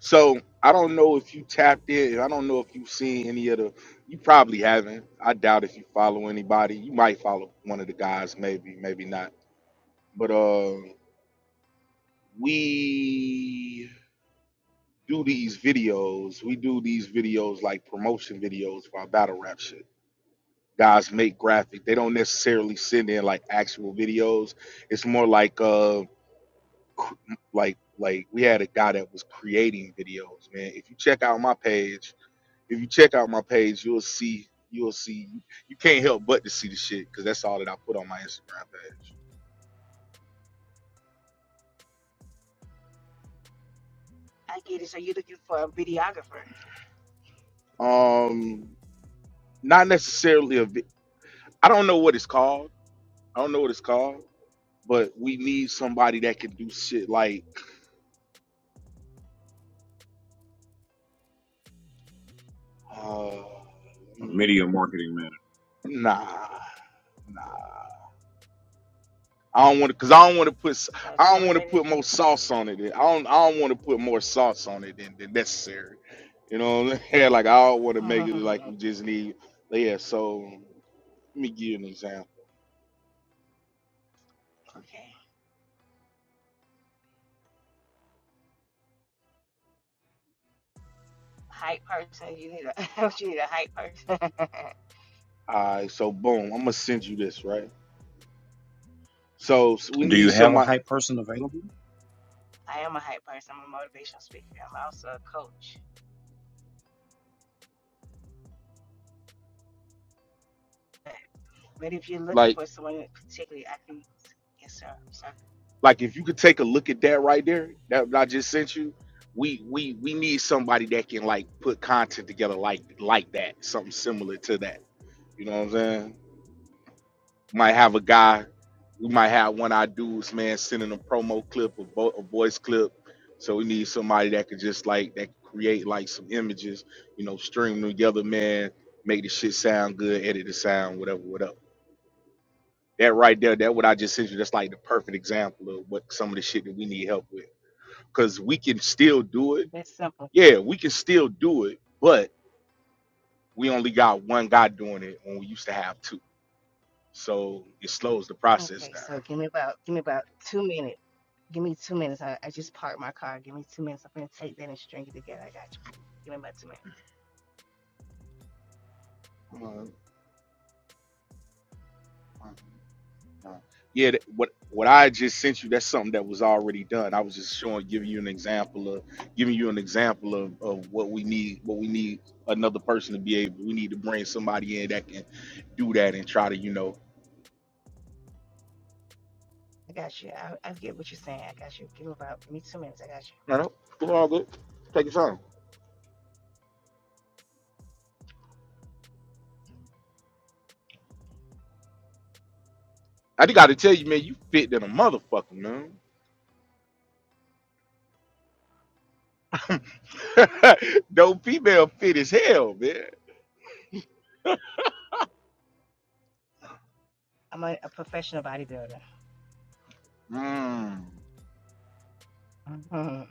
So I don't know if you tapped in. I don't know if you've seen any of the. You probably haven't. I doubt if you follow anybody. You might follow one of the guys, maybe, maybe not. But uh, we do these videos. We do these videos like promotion videos for our battle rap shit. Guys make graphic. They don't necessarily send in like actual videos. It's more like uh, cr- like like we had a guy that was creating videos. Man, if you check out my page If you check out my page, you'll see you'll see you, can't help but to see the shit because that's all that I put on my Instagram page.
I get it. So you're looking for a videographer.
Um, not necessarily a. vi- I don't know what it's called. I don't know what it's called, but we need somebody that can do shit like. Uh,
Media marketing manager.
nah, nah. I don't want to, cause I don't want to put, s-
So
I
tell
don't
me
want to
what it
put
is you
more
need.
sauce on it. than- I don't, I don't want to put more sauce on it than, than necessary. You know, what I'm saying? like I don't want to make it like
okay.
we just need. But yeah, so let me give you an example.
Hype person. You need a you need a hype person.
All right, so boom, I'm gonna send you this, right? So, s- we
Do you
need
have a
somebody
hype person available?
I am a hype person. I'm a motivational speaker. I'm also a coach. But, but if you're looking
like,
for someone particularly, I can yes sir. So
like if you could take a look at that right there, that I just sent you. We we we need somebody that can like put content together like like that, something similar to that. You know what I'm saying? might have a guy, we might have one of our dudes, man, sending a promo clip, a, vo- a voice clip. So we need somebody that could just like that could create like some images, you know, string them together, man, make the shit sound good, edit the sound, whatever, whatever. That right there, that what I just sent you, that's like the perfect example of what some of the shit that we need help with. Cause we can still do it.
that's simple.
Yeah, we can still do it, but we only got one guy doing it when we used to have two. So it slows the process
Okay, so give me about give me about two minutes. Give me two minutes. I, I just parked my car. Give me two minutes. I'm gonna take that and string it together. I got you. Give me about two minutes.
down. No. Yeah, th- what what I just sent you, that's something that was already done. I was just showing, giving you an example of giving you an example of, of what we need, what we need another person to be able. We need to bring somebody in that can do that and try to, you know,
I got you. I, I get what you're saying. I got you. Give me about give me two minutes. I got you.
no, no, it's all good. Take your time. I just got to tell you, man, you fit than a motherfucker, man. Though female fit as hell, man.
I'm a, a professional bodybuilder.
Mm.
okay,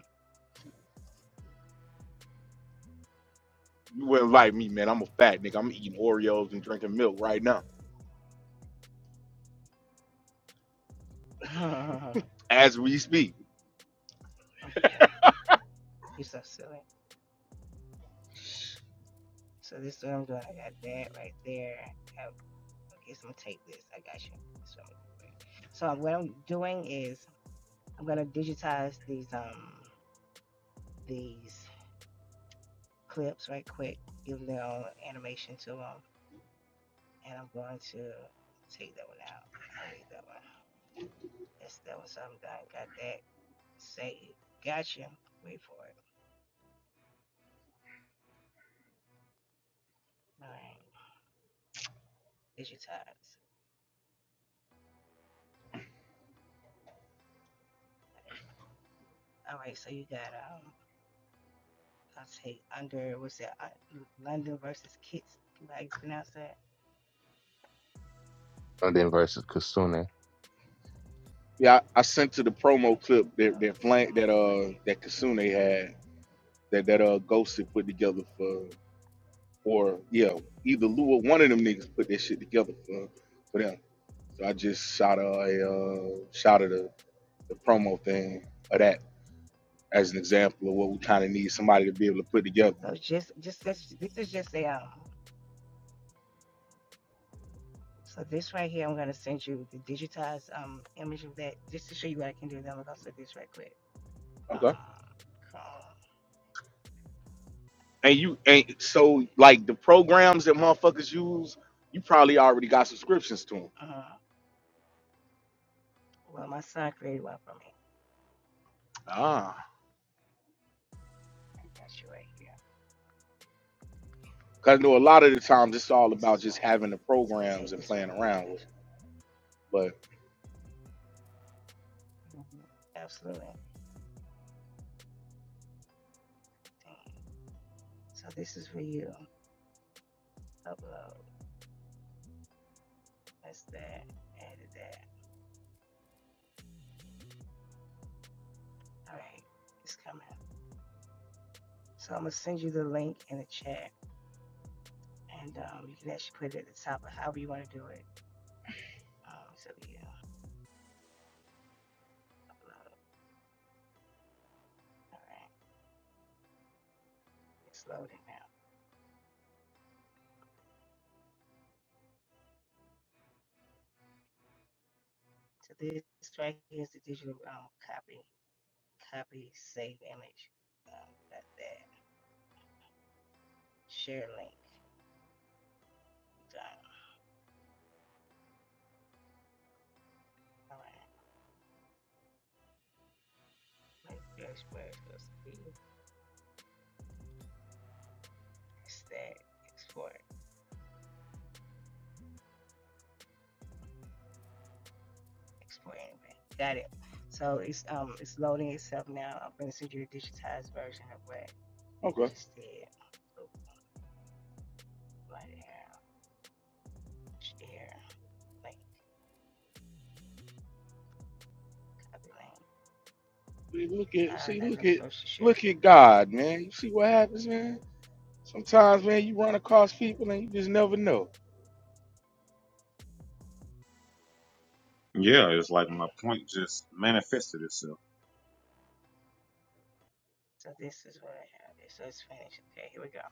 You wouldn't like me, man. I'm a fat nigga. I'm eating Oreos and drinking milk right now as we speak.
you so silly. So this is what I'm doing. I got that right there. Got- Okay, so I'm gonna take this. I got you. This is what I'm gonna do. for you. So what I'm doing is I'm gonna digitize these um these clips right quick, give them their own animation to them, and I'm going to take that one out. I don't need that one. That's that one. So I'm done. Got that saved. Gotcha. Wait for it. All right, digitize. All right, so you got um, I'll say under what's that? Uh, London versus Kits. How you pronounce that?
London versus
Uh,
Kasune.
Yeah, I, I sent to the promo
actually,
clip
So
that that
this is what I'm
flank
gonna
that
do right
uh
here.
that Kasune had that that uh Ghost had put together for or yeah either Lou or one of them niggas put that shit together for for them. So I just shot a, a uh, shot of the, the promo thing of that as an example of what we kind of need somebody to be able to put together.
So just, just this, this is just a um. So this right here, I'm gonna send you the digitized um image of that just to show you what I can do. Then I'm gonna do this right quick.
Okay.
Um, Chrome.
And you and
like
so
This.
like the programs that motherfuckers use, you probably already got subscriptions to them.
Uh, well, my son created one for me.
Ah.
I got you right here.
Cause I know a lot of the
Got
times
you.
it's all
This
about
is one.
just having the
So I'm gonna
programs
take
and
this
playing
right quick.
around with it.
Actually,
But
Mhm. absolutely. So this is for you. Upload. That's that. Added that. All right. It's coming. So I'm gonna send you the link in the chat, and um, you can actually put it at the top of however you want to do it. Um, so yeah, upload. All right. It's loading now. So this right here is the digital um, copy. Copy, save image. Um, got that. Share link. Done. All right. Wait, there's where it's supposed to be. That's that. Export. Export anyway. Got it. So it's um it's loading itself now. I'm gonna send you a digitized version of what I
okay,
just did. So right there. Share link, copy link.
See, look at
Uh,
see,
not
look
enough
at
social share.
look
Okay.
at
cool.
God, man. You see what happens, man. Sometimes, man, you run across people and you just never know.
Yeah,
Okay.
it's like my point just manifested itself.
So this is what I have. There. So it's finished. Okay. Here we go.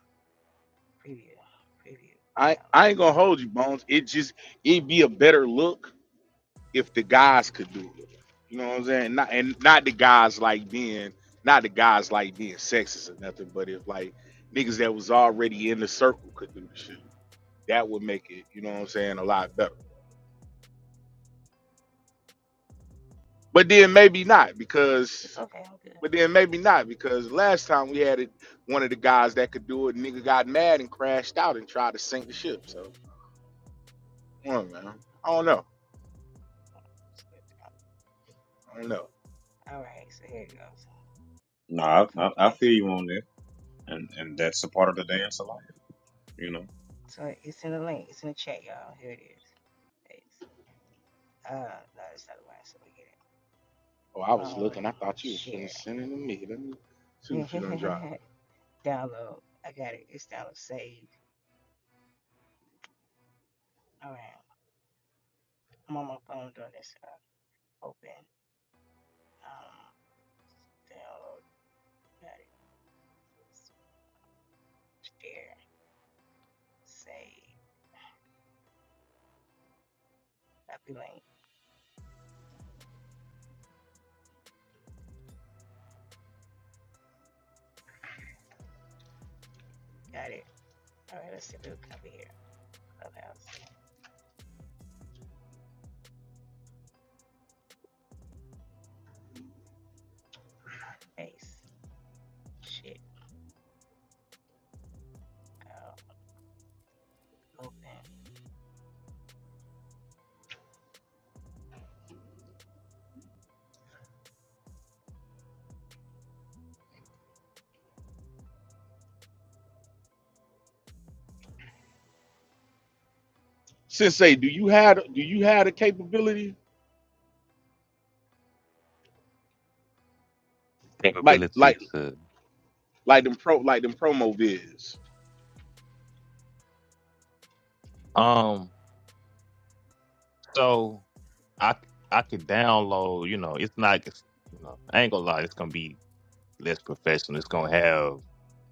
Preview. Preview.
I I
Download.
ain't gonna hold you, Bones. It just it'd be a better look if the guys could do it. You know what I'm saying? Not and not the guys like being not the guys like being sexist or nothing, but if like niggas that was already in the circle could do the shit, that would make it. You know what I'm saying? A lot better. But then maybe not
It's
because,
okay. I'm good.
but then maybe not because last time we had it, one of the guys that could do it, nigga got mad and crashed out and tried to sink the ship. So, I don't know. man. I don't know. I don't know.
All right. So here it goes. I'm
Nah, I,
coming
I, I
back
feel
to you.
you on that, and and that's a part of the dance of life, you know.
So it's in the link. It's in the chat, y'all. Here it is. Paste. Uh, no, it's not the one. So we get it.
Oh, I was
Phone
looking. I thought you was finna
share.
send it to me. Let me see what you done drop.
download. I got it. It's download saved. All right. I'm on my phone doing this. Uh, open. Um, download. Got it. Share. Save. Copy link. Got it. All right. Let's see if it'll copy here. Clubhouse. Paste. Shit. Uh, open.
Sensei, do you have do you have the capability
The
like
Capability
like
to
like them pro like them promo vids?
um. So I I could download. You know, it's not. It's, you know, I ain't gonna lie. It's gonna be less professional. It's gonna have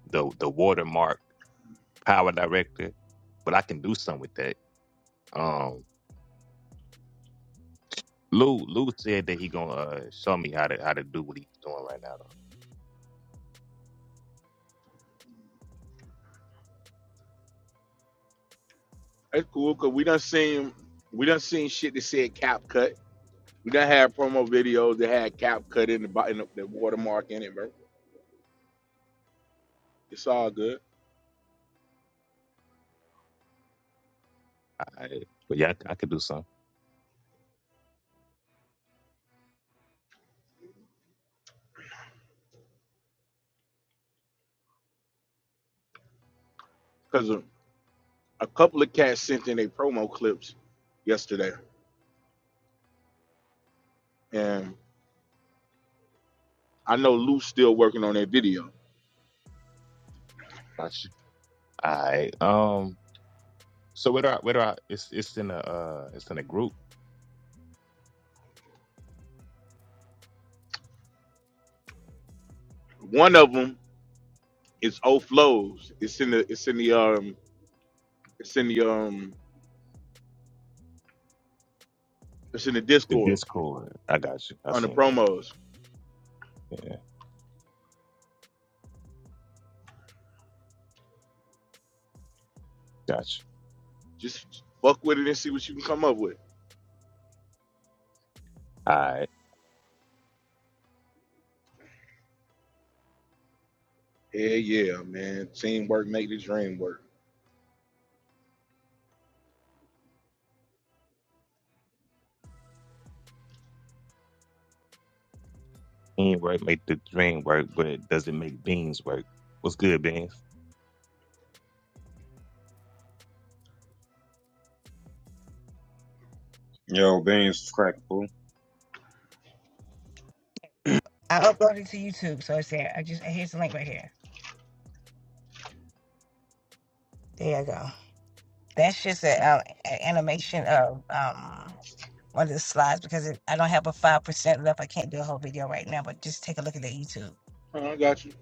the the watermark power director, but I can do something with that. Um, Lou Lou said that he gonna uh, show me how to how to do what he's doing right now. Though.
That's cool because we done seen we done seen shit that said cap cut. We done had promo videos that had cap cut in the bo- in the, the watermark in it, bro. It's all good.
Alright. But yeah, I, c- I could do something.
Because a, a couple of cats sent in their promo clips yesterday, and I know Lou's still working on that video.
I should. All right. Um. So where do I where do I it's it's in a uh it's in a group.
One of them is O Flows. It's in the it's in the um it's in the um it's in the
The
Discord
Discord. I got you. I
on the
seen that.
promos.
Yeah, got you.
Just fuck with it and see what you can come up with.
All right.
Hell yeah, man. Teamwork make the dream work.
Teamwork make the dream work, but it doesn't make beans work. What's good, beans?
Yo, beans is crack, boo.
I uploaded it to YouTube, so it's there. I just here's the link right here. There you go. That's just a, uh, a animation of um one of the slides because it, I don't have a five percent left. I can't do a whole video right now, but just take a look at the YouTube.
Oh, I got you.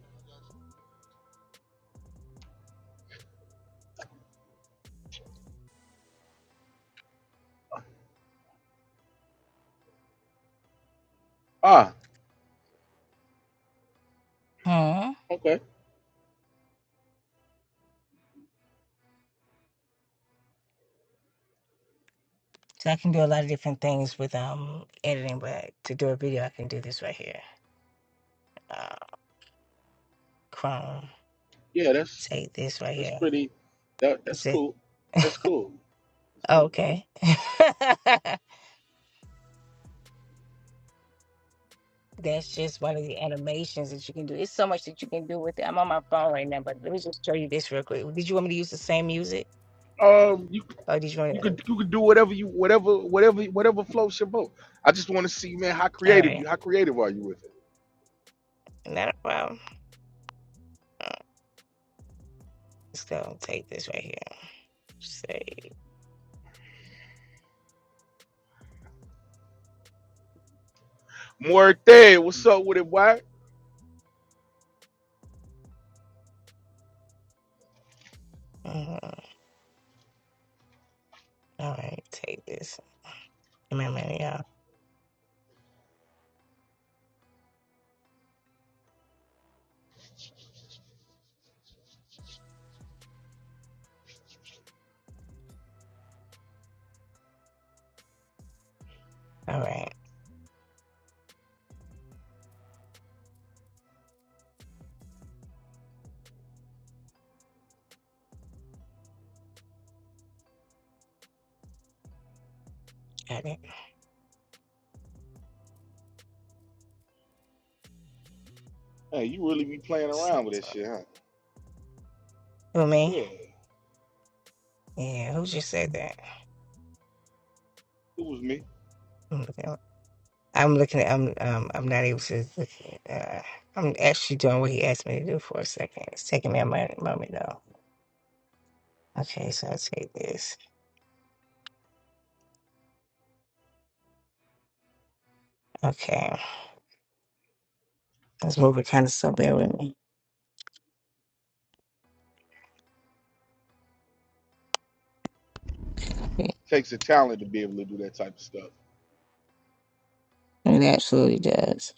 Ah,
Hmm.
okay.
So I can do a lot of different things with um editing, but to do a video, I can do this right here. Uh, Chrome,
Yeah, that's
take this right
that's
here.
pretty. That that's
Is it
cool. That's cool. That's
okay? That's just one of the animations that you can do. It's so much that you can do with it. I'm on my phone right now, but let me just show you this real quick. Did you want me to use the same music,
cool. Um, you
or did you want
You
to?
could you could do whatever you whatever whatever whatever floats your boat. I just want to see, man, how
All
creative
right,
you how creative are you with
not a problem. Let's go. Take this right here. Say,
it? Morte, what's up with it, boy?
mhm. all right, take this. Come on, man, y'all. All right, got it.
Hey, you really be playing around with
Six.
that shit, huh?
Who me?
Yeah, it
Yeah, who just said that?
was me.
I'm looking at. I'm looking at. I'm. Um. I'm not able to. Look at, uh, I'm actually doing what he asked me to do for a second. It's taking me a mo- moment though. Okay, so I take this. Okay, this movie kind of so bear with me.
Takes a talent to be able to do that type of stuff.
It absolutely does.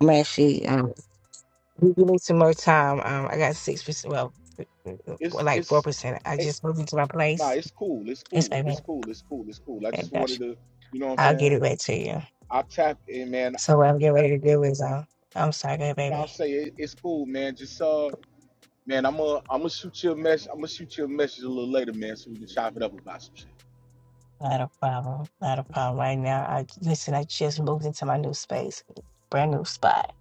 I'm actually. Um. You give me some more time. Um. I got six percent. Well, for
It's
like four
it's
percent. I
it,
just moved into my
nah,
place.
it's cool, it's
It's
cool,
my
it's
baby.
cool, it's cool, it's cool. I just
Gosh,
wanted to, you know what I'm
I'll get
saying?
it back to you.
I tap in, man.
So what I'm getting ready to do is um. I'm sorry, go ahead,
Now I'll
baby.
say it, it's cool, man. Just uh, man, I'm gonna I'm gonna shoot you a message. I'm gonna shoot you a message a little later, man, so we can chop it up about some shit,
Not a problem. Not a problem. Right now, I listen. I just moved into my new space, brand new spot.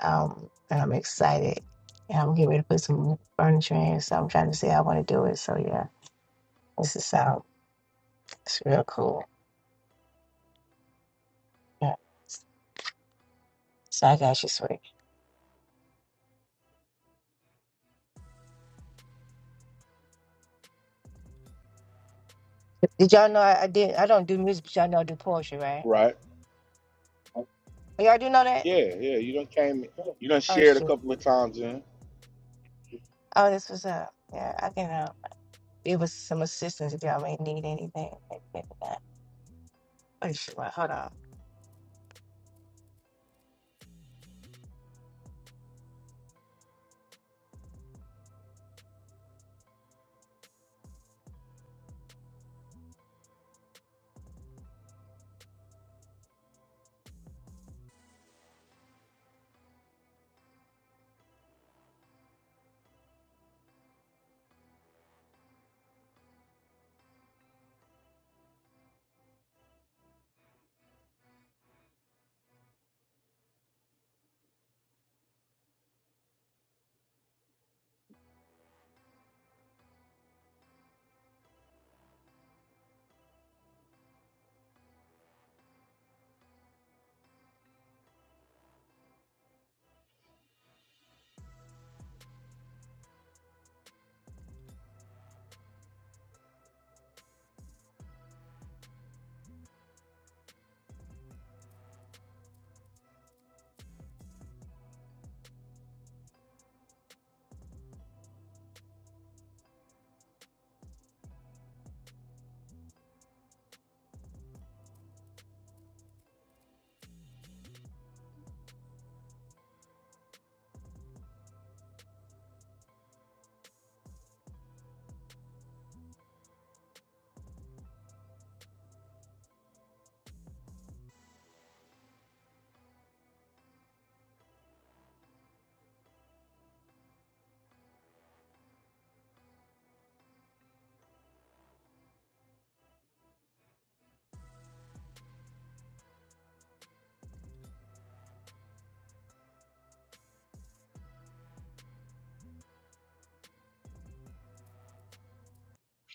Um, and I'm excited. And I'm getting ready to put some new furniture in. So I'm trying to see how I want to do it. So yeah, this is sound. It's real cool. Yeah. So I got you, sweet. Did y'all know I, I did? I don't do music, but y'all know I do poetry, right?
right?
Oh, Y'all do know that?
Yeah, yeah. You done came. You done
Oh,
shared a
shit.
couple of times in.
Oh, this was up. Yeah, I can uh, give us some assistance if y'all may need anything. Like, maybe not. Wait, shit, wait, hold on.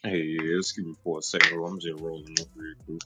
Hey, yeah, excuse me for a second, bro. I'm just rolling up real quick.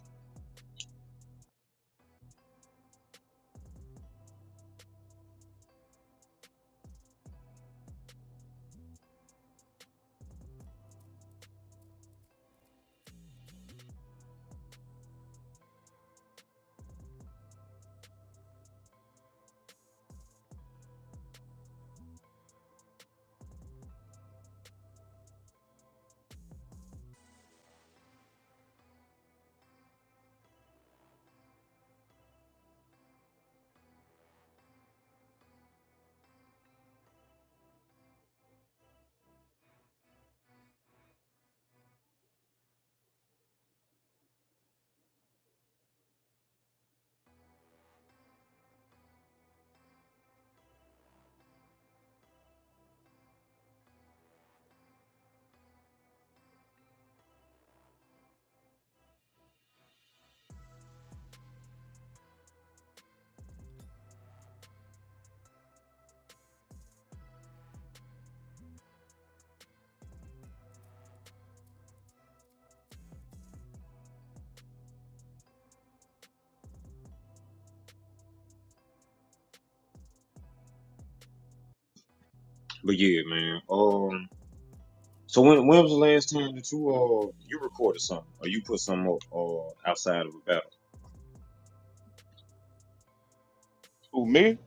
But yeah, man. Um, so when when was the last time that you uh you recorded something or you put something up uh outside of a battle?
Who me?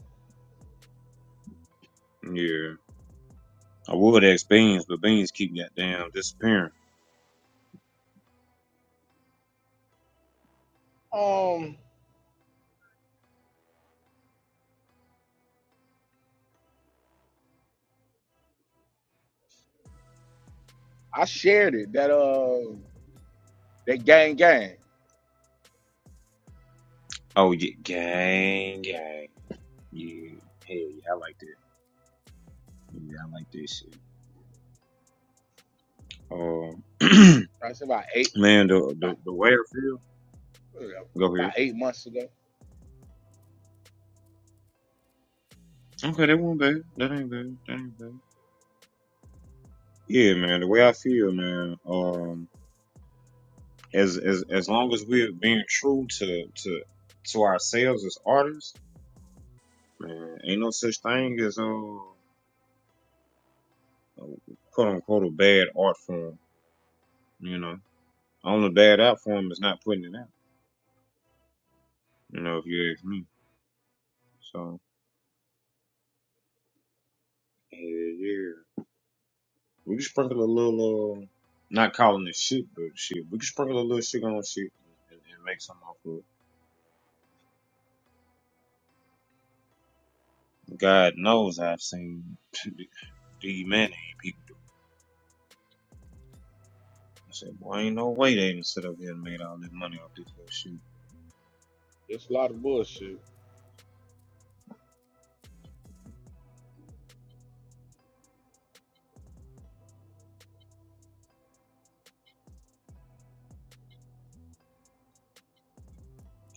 Yeah. I would ask Beans, but Beans keep goddamn disappearing.
Um, I shared it. That uh, that gang gang.
Oh yeah, gang, gang. Yeah, hell yeah, I like that. Yeah, I like that shit. Um, uh,
I said about eight,
man, the the
about,
the way I feel. Go
about
here.
eight months ago.
Okay, that won't bad. That ain't bad. That ain't bad. Yeah, man. The way I feel, man. Um, as as as long as we're being true to to to ourselves as artists, man, ain't no such thing as uh, quote unquote a bad art form. You know. Only bad out for him is not putting it out. You know, if you ask me. So yeah, yeah. We can sprinkle a little, uh, not calling it shit, but shit. We can sprinkle a little shit on shit and, and make something off of it. God knows I've seen the man ain't people do. I said, boy, ain't no way they didn't sit up here and made all this money off this little shit.
It's a lot of bullshit.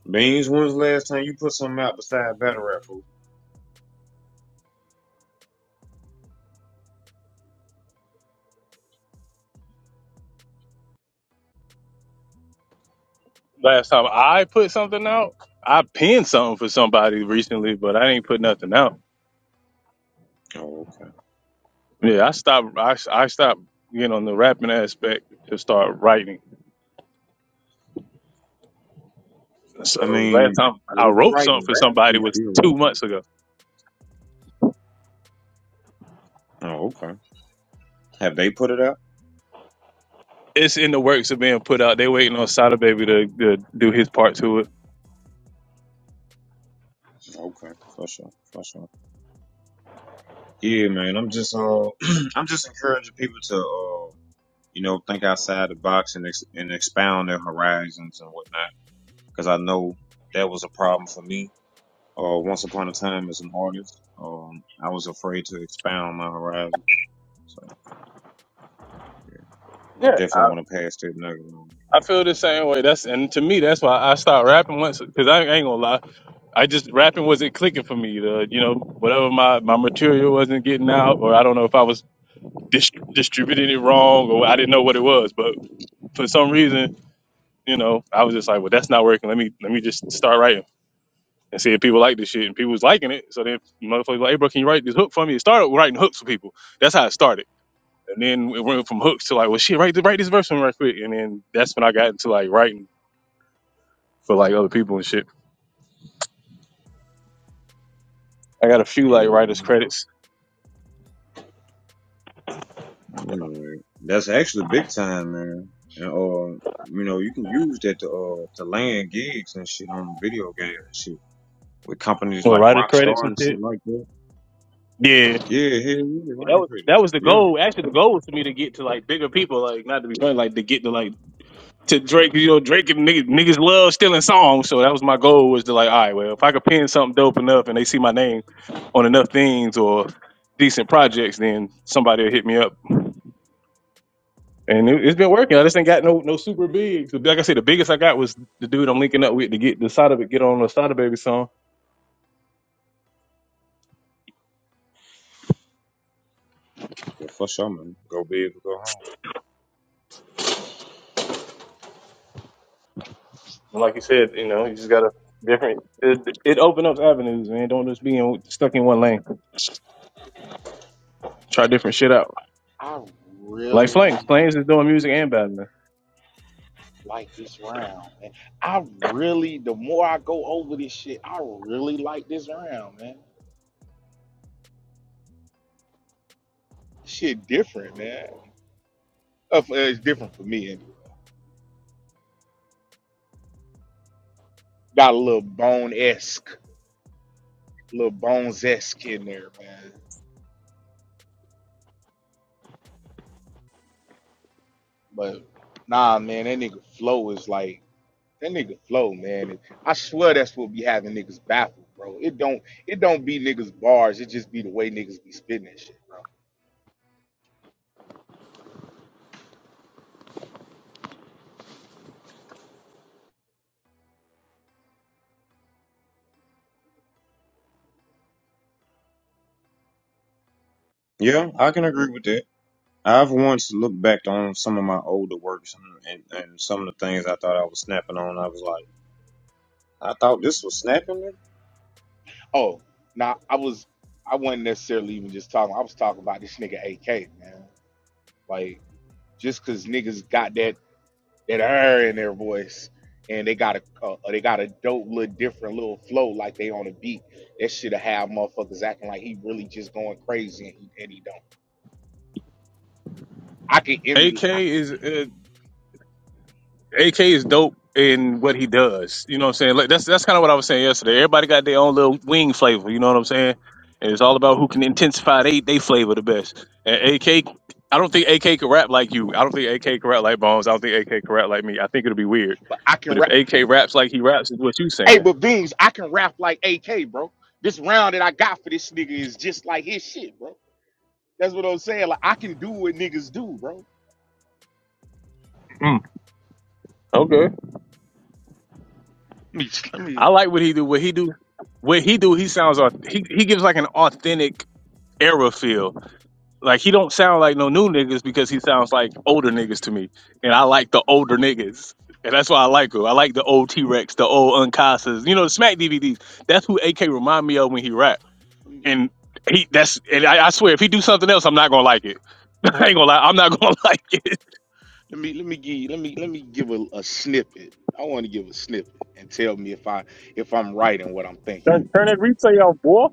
Beans, when's the last time you put something out besides battle rap? Fool?
Last time I put something out, I pinned something for somebody recently, but I didn't put nothing out.
Oh, okay.
Yeah, I stopped. I I stopped getting on the rapping aspect to start writing.
I
So last
mean,
time
well,
I
if you
wrote something
writing
for
rap,
somebody
you
was
still
two
rap.
months ago.
Oh, okay. Have they put it out?
It's in the works of being put out. They waiting on Sada Baby to, to do his part to it.
Okay, for sure, for sure. Yeah, man. I'm just uh, I'm just encouraging people to uh, you know, think outside the box and ex- and expound their horizons and whatnot. Because I know that was a problem for me. Uh, once upon a time as an artist, um, I was afraid to expound my horizons. So I
Yeah,
definitely
I,
want to pass that nugget on.
I feel the same way. That's and to me that's why I stopped rapping once because I ain't gonna lie. I just rapping wasn't clicking for me. The you know whatever my my material wasn't getting out, or I don't know if I was dis- distributed it wrong or I didn't know what it was. But for some reason, you know, I was just like, well, that's not working. Let me let me just start writing and see if people like this shit. And people was liking it. So then motherfuckers like, hey, bro, can you write this hook for me? It started with writing hooks for people. That's how it started. And then it went from hooks to like, well, shit, write this, write this verse for me right quick. And then that's when I got into like writing for like other people and shit. I got a few
Hey,
like writers credits,
Alright. That's actually big time, man. And uh, you know, you can use that to uh to land gigs and shit on video games and shit with companies
well,
like
writers credits
Rockstar
and
and shit
shit.
like that.
Yeah,
Yeah, hell yeah,
that
writing
was that
credits.
was the
Yeah,
goal. Actually, the goal was for me to get to like bigger people, like not to be funny, like to get to like to Drake, you know, Drake and niggas, niggas love stealing songs. So that was my goal was to like, all right, well, if I could pin something dope enough and they see my name on enough things or decent projects, then somebody will hit me up. And it, it's been working. I just ain't got no no super big. So, like I said, the biggest I got was the dude I'm linking up with to get the side of it, get on the side of baby song.
yeah, for sure, man. Go big or go home.
And like you said, you know, you just got to different. It, it opened up avenues, man. Don't just be in, stuck in one lane. Try different shit out.
I
Like Flames,
really
Flames is doing music and battling.
like this round, man. I really, the more I go over this shit, I really like this round, man. Shit different, man. Uh, for- It's different for me anyway. Got a little bone esque, little bones esque in there, man But nah, man, that nigga flow is like that nigga flow, man. It- I swear that's what be having niggas baffled, bro. It don't it don't be niggas bars. It just be the way niggas be spitting that shit, bro.
Yeah, I can agree with that. I've once looked back on some of my older works and, and, and some of the things I thought I was snapping on. I was like, I thought this was snapping. nigga.
Oh, nah, I was I wasn't necessarily even just talking. I was talking about this nigga AK, man. Like just cause niggas got that that R in their voice. And they got a uh, they got a dope little different little flow like they on a beat. That shit'll have motherfuckers acting like he really just going crazy and he, and he don't. I can emulate.
AK is. uh, AK is dope in what he does. You know what I'm saying? Like that's that's kind of what I was saying yesterday. Everybody got their own little wing flavor. You know what I'm saying? And it's all about who can intensify they they flavor the best. And AK, I don't think AK could rap like you. I don't think AK could rap like Bones. I don't think AK could rap like me. I think it'll be weird.
But I can
But if
rap.
AK raps like he raps, is what you
Hey,
saying?
but Beans, I can rap like AK, bro. This round that I got for this nigga is just like his shit, bro. That's what I'm saying. Like I can do what niggas do, bro.
Mm, okay.
Let me let me
I like what he do. What he do. What he do. He sounds. au- He he gives like an authentic era feel. Like he don't sound like no new niggas because he sounds like older niggas to me, and I like the older niggas, and that's why I like him. I like the old T Rex, the old Uncasas, you know, the Smack DVDs. That's who AK remind me of when he rap, and he that's and I, I swear if he do something else, I'm not gonna like it. I ain't gonna lie, I'm not gonna like it.
let me let me give you- let me let me give a, a snippet. I want to give a snippet and tell me if I if I'm right in what I'm thinking.
Turn, turn that replay off, boy.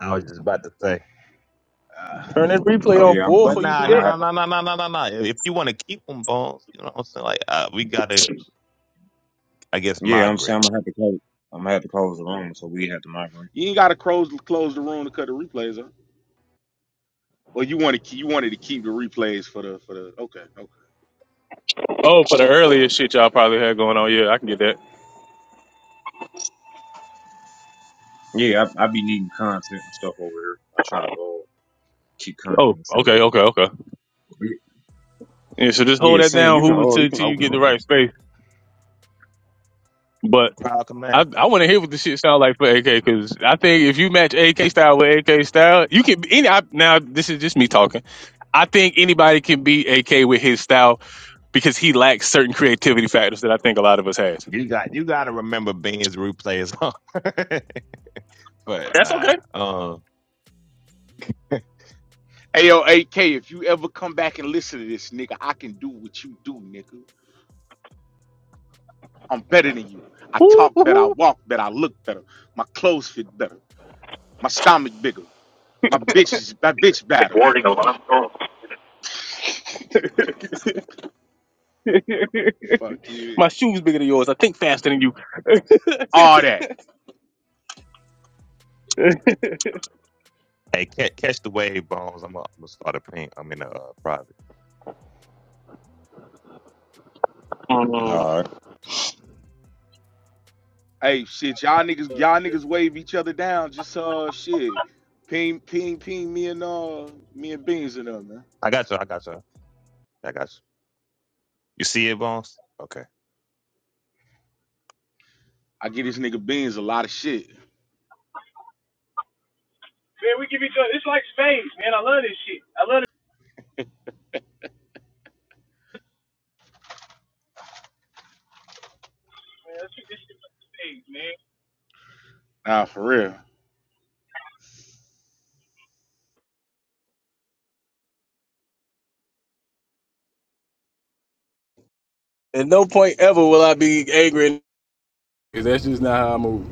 I was just about to say.
Uh,
Turn that replay
Oh
off,
yeah, I'm,
boy,
But
I'm,
before you
nah,
do
I'm
nah,
that.
gonna have,
nah, nah, nah, nah, nah, nah. nah. If you want to keep them bones, you know what I'm saying? Like, uh, we gotta, I guess,
yeah, I'm
migrate.
saying I'm gonna have to close, I'm gonna have to close the room, so we have to migrate.
you ain't gotta close close the room to cut the replays up. Or you want to you wanted to keep the replays for the for the okay okay.
Oh, for the earlier shit y'all probably had going on, yeah, I can get that.
Yeah, I, I be needing content and stuff over here. I try to uh, keep content
Oh,
and stuff
okay,
over
okay, okay.
here.
Yeah, so just
Yeah,
hold that
seeing
down,
you can,
Hoover,
oh, you
till
can
till you
open
get the
up.
right space, but.
Crowd command.
I, I want to hear what the shit sound like for AK because I think if you match AK style with AK style, you can any. I, now this is just me talking. I think anybody can beat AK with his style because he lacks certain creativity factors that I think a lot of us has.
You got, you gotta remember beans replays. but
That's
nah,
okay.
um,
Hey yo, AK, if you ever come back and listen to this, nigga, I can do what you do, nigga. I'm better than you. I talk better. I
Woo-hoo-hoo.
walk better. I look better. My clothes fit better. My stomach bigger. My bitch is my bitch
Quick
better.
warning alarm. Oh.
Fuck you.
My shoes bigger than yours. I think faster than you. Man,
All that.
hey, catch, catch the wave, bones. I'm gonna start a paint. I'm in a uh, private.
All right.
Hey, shit, y'all niggas, y'all niggas wave each other down. Just uh, shit. Ping, ping, ping. Me and uh, me and Beans and them, man.
I got you. I got you. I got you. You see it, bones? Okay.
I get this nigga Beans a lot of shit.
we give each other. It's like space, man. I love this shit. I love
Nah, for real.
it. At no point ever will I be angry. That's just not how I move.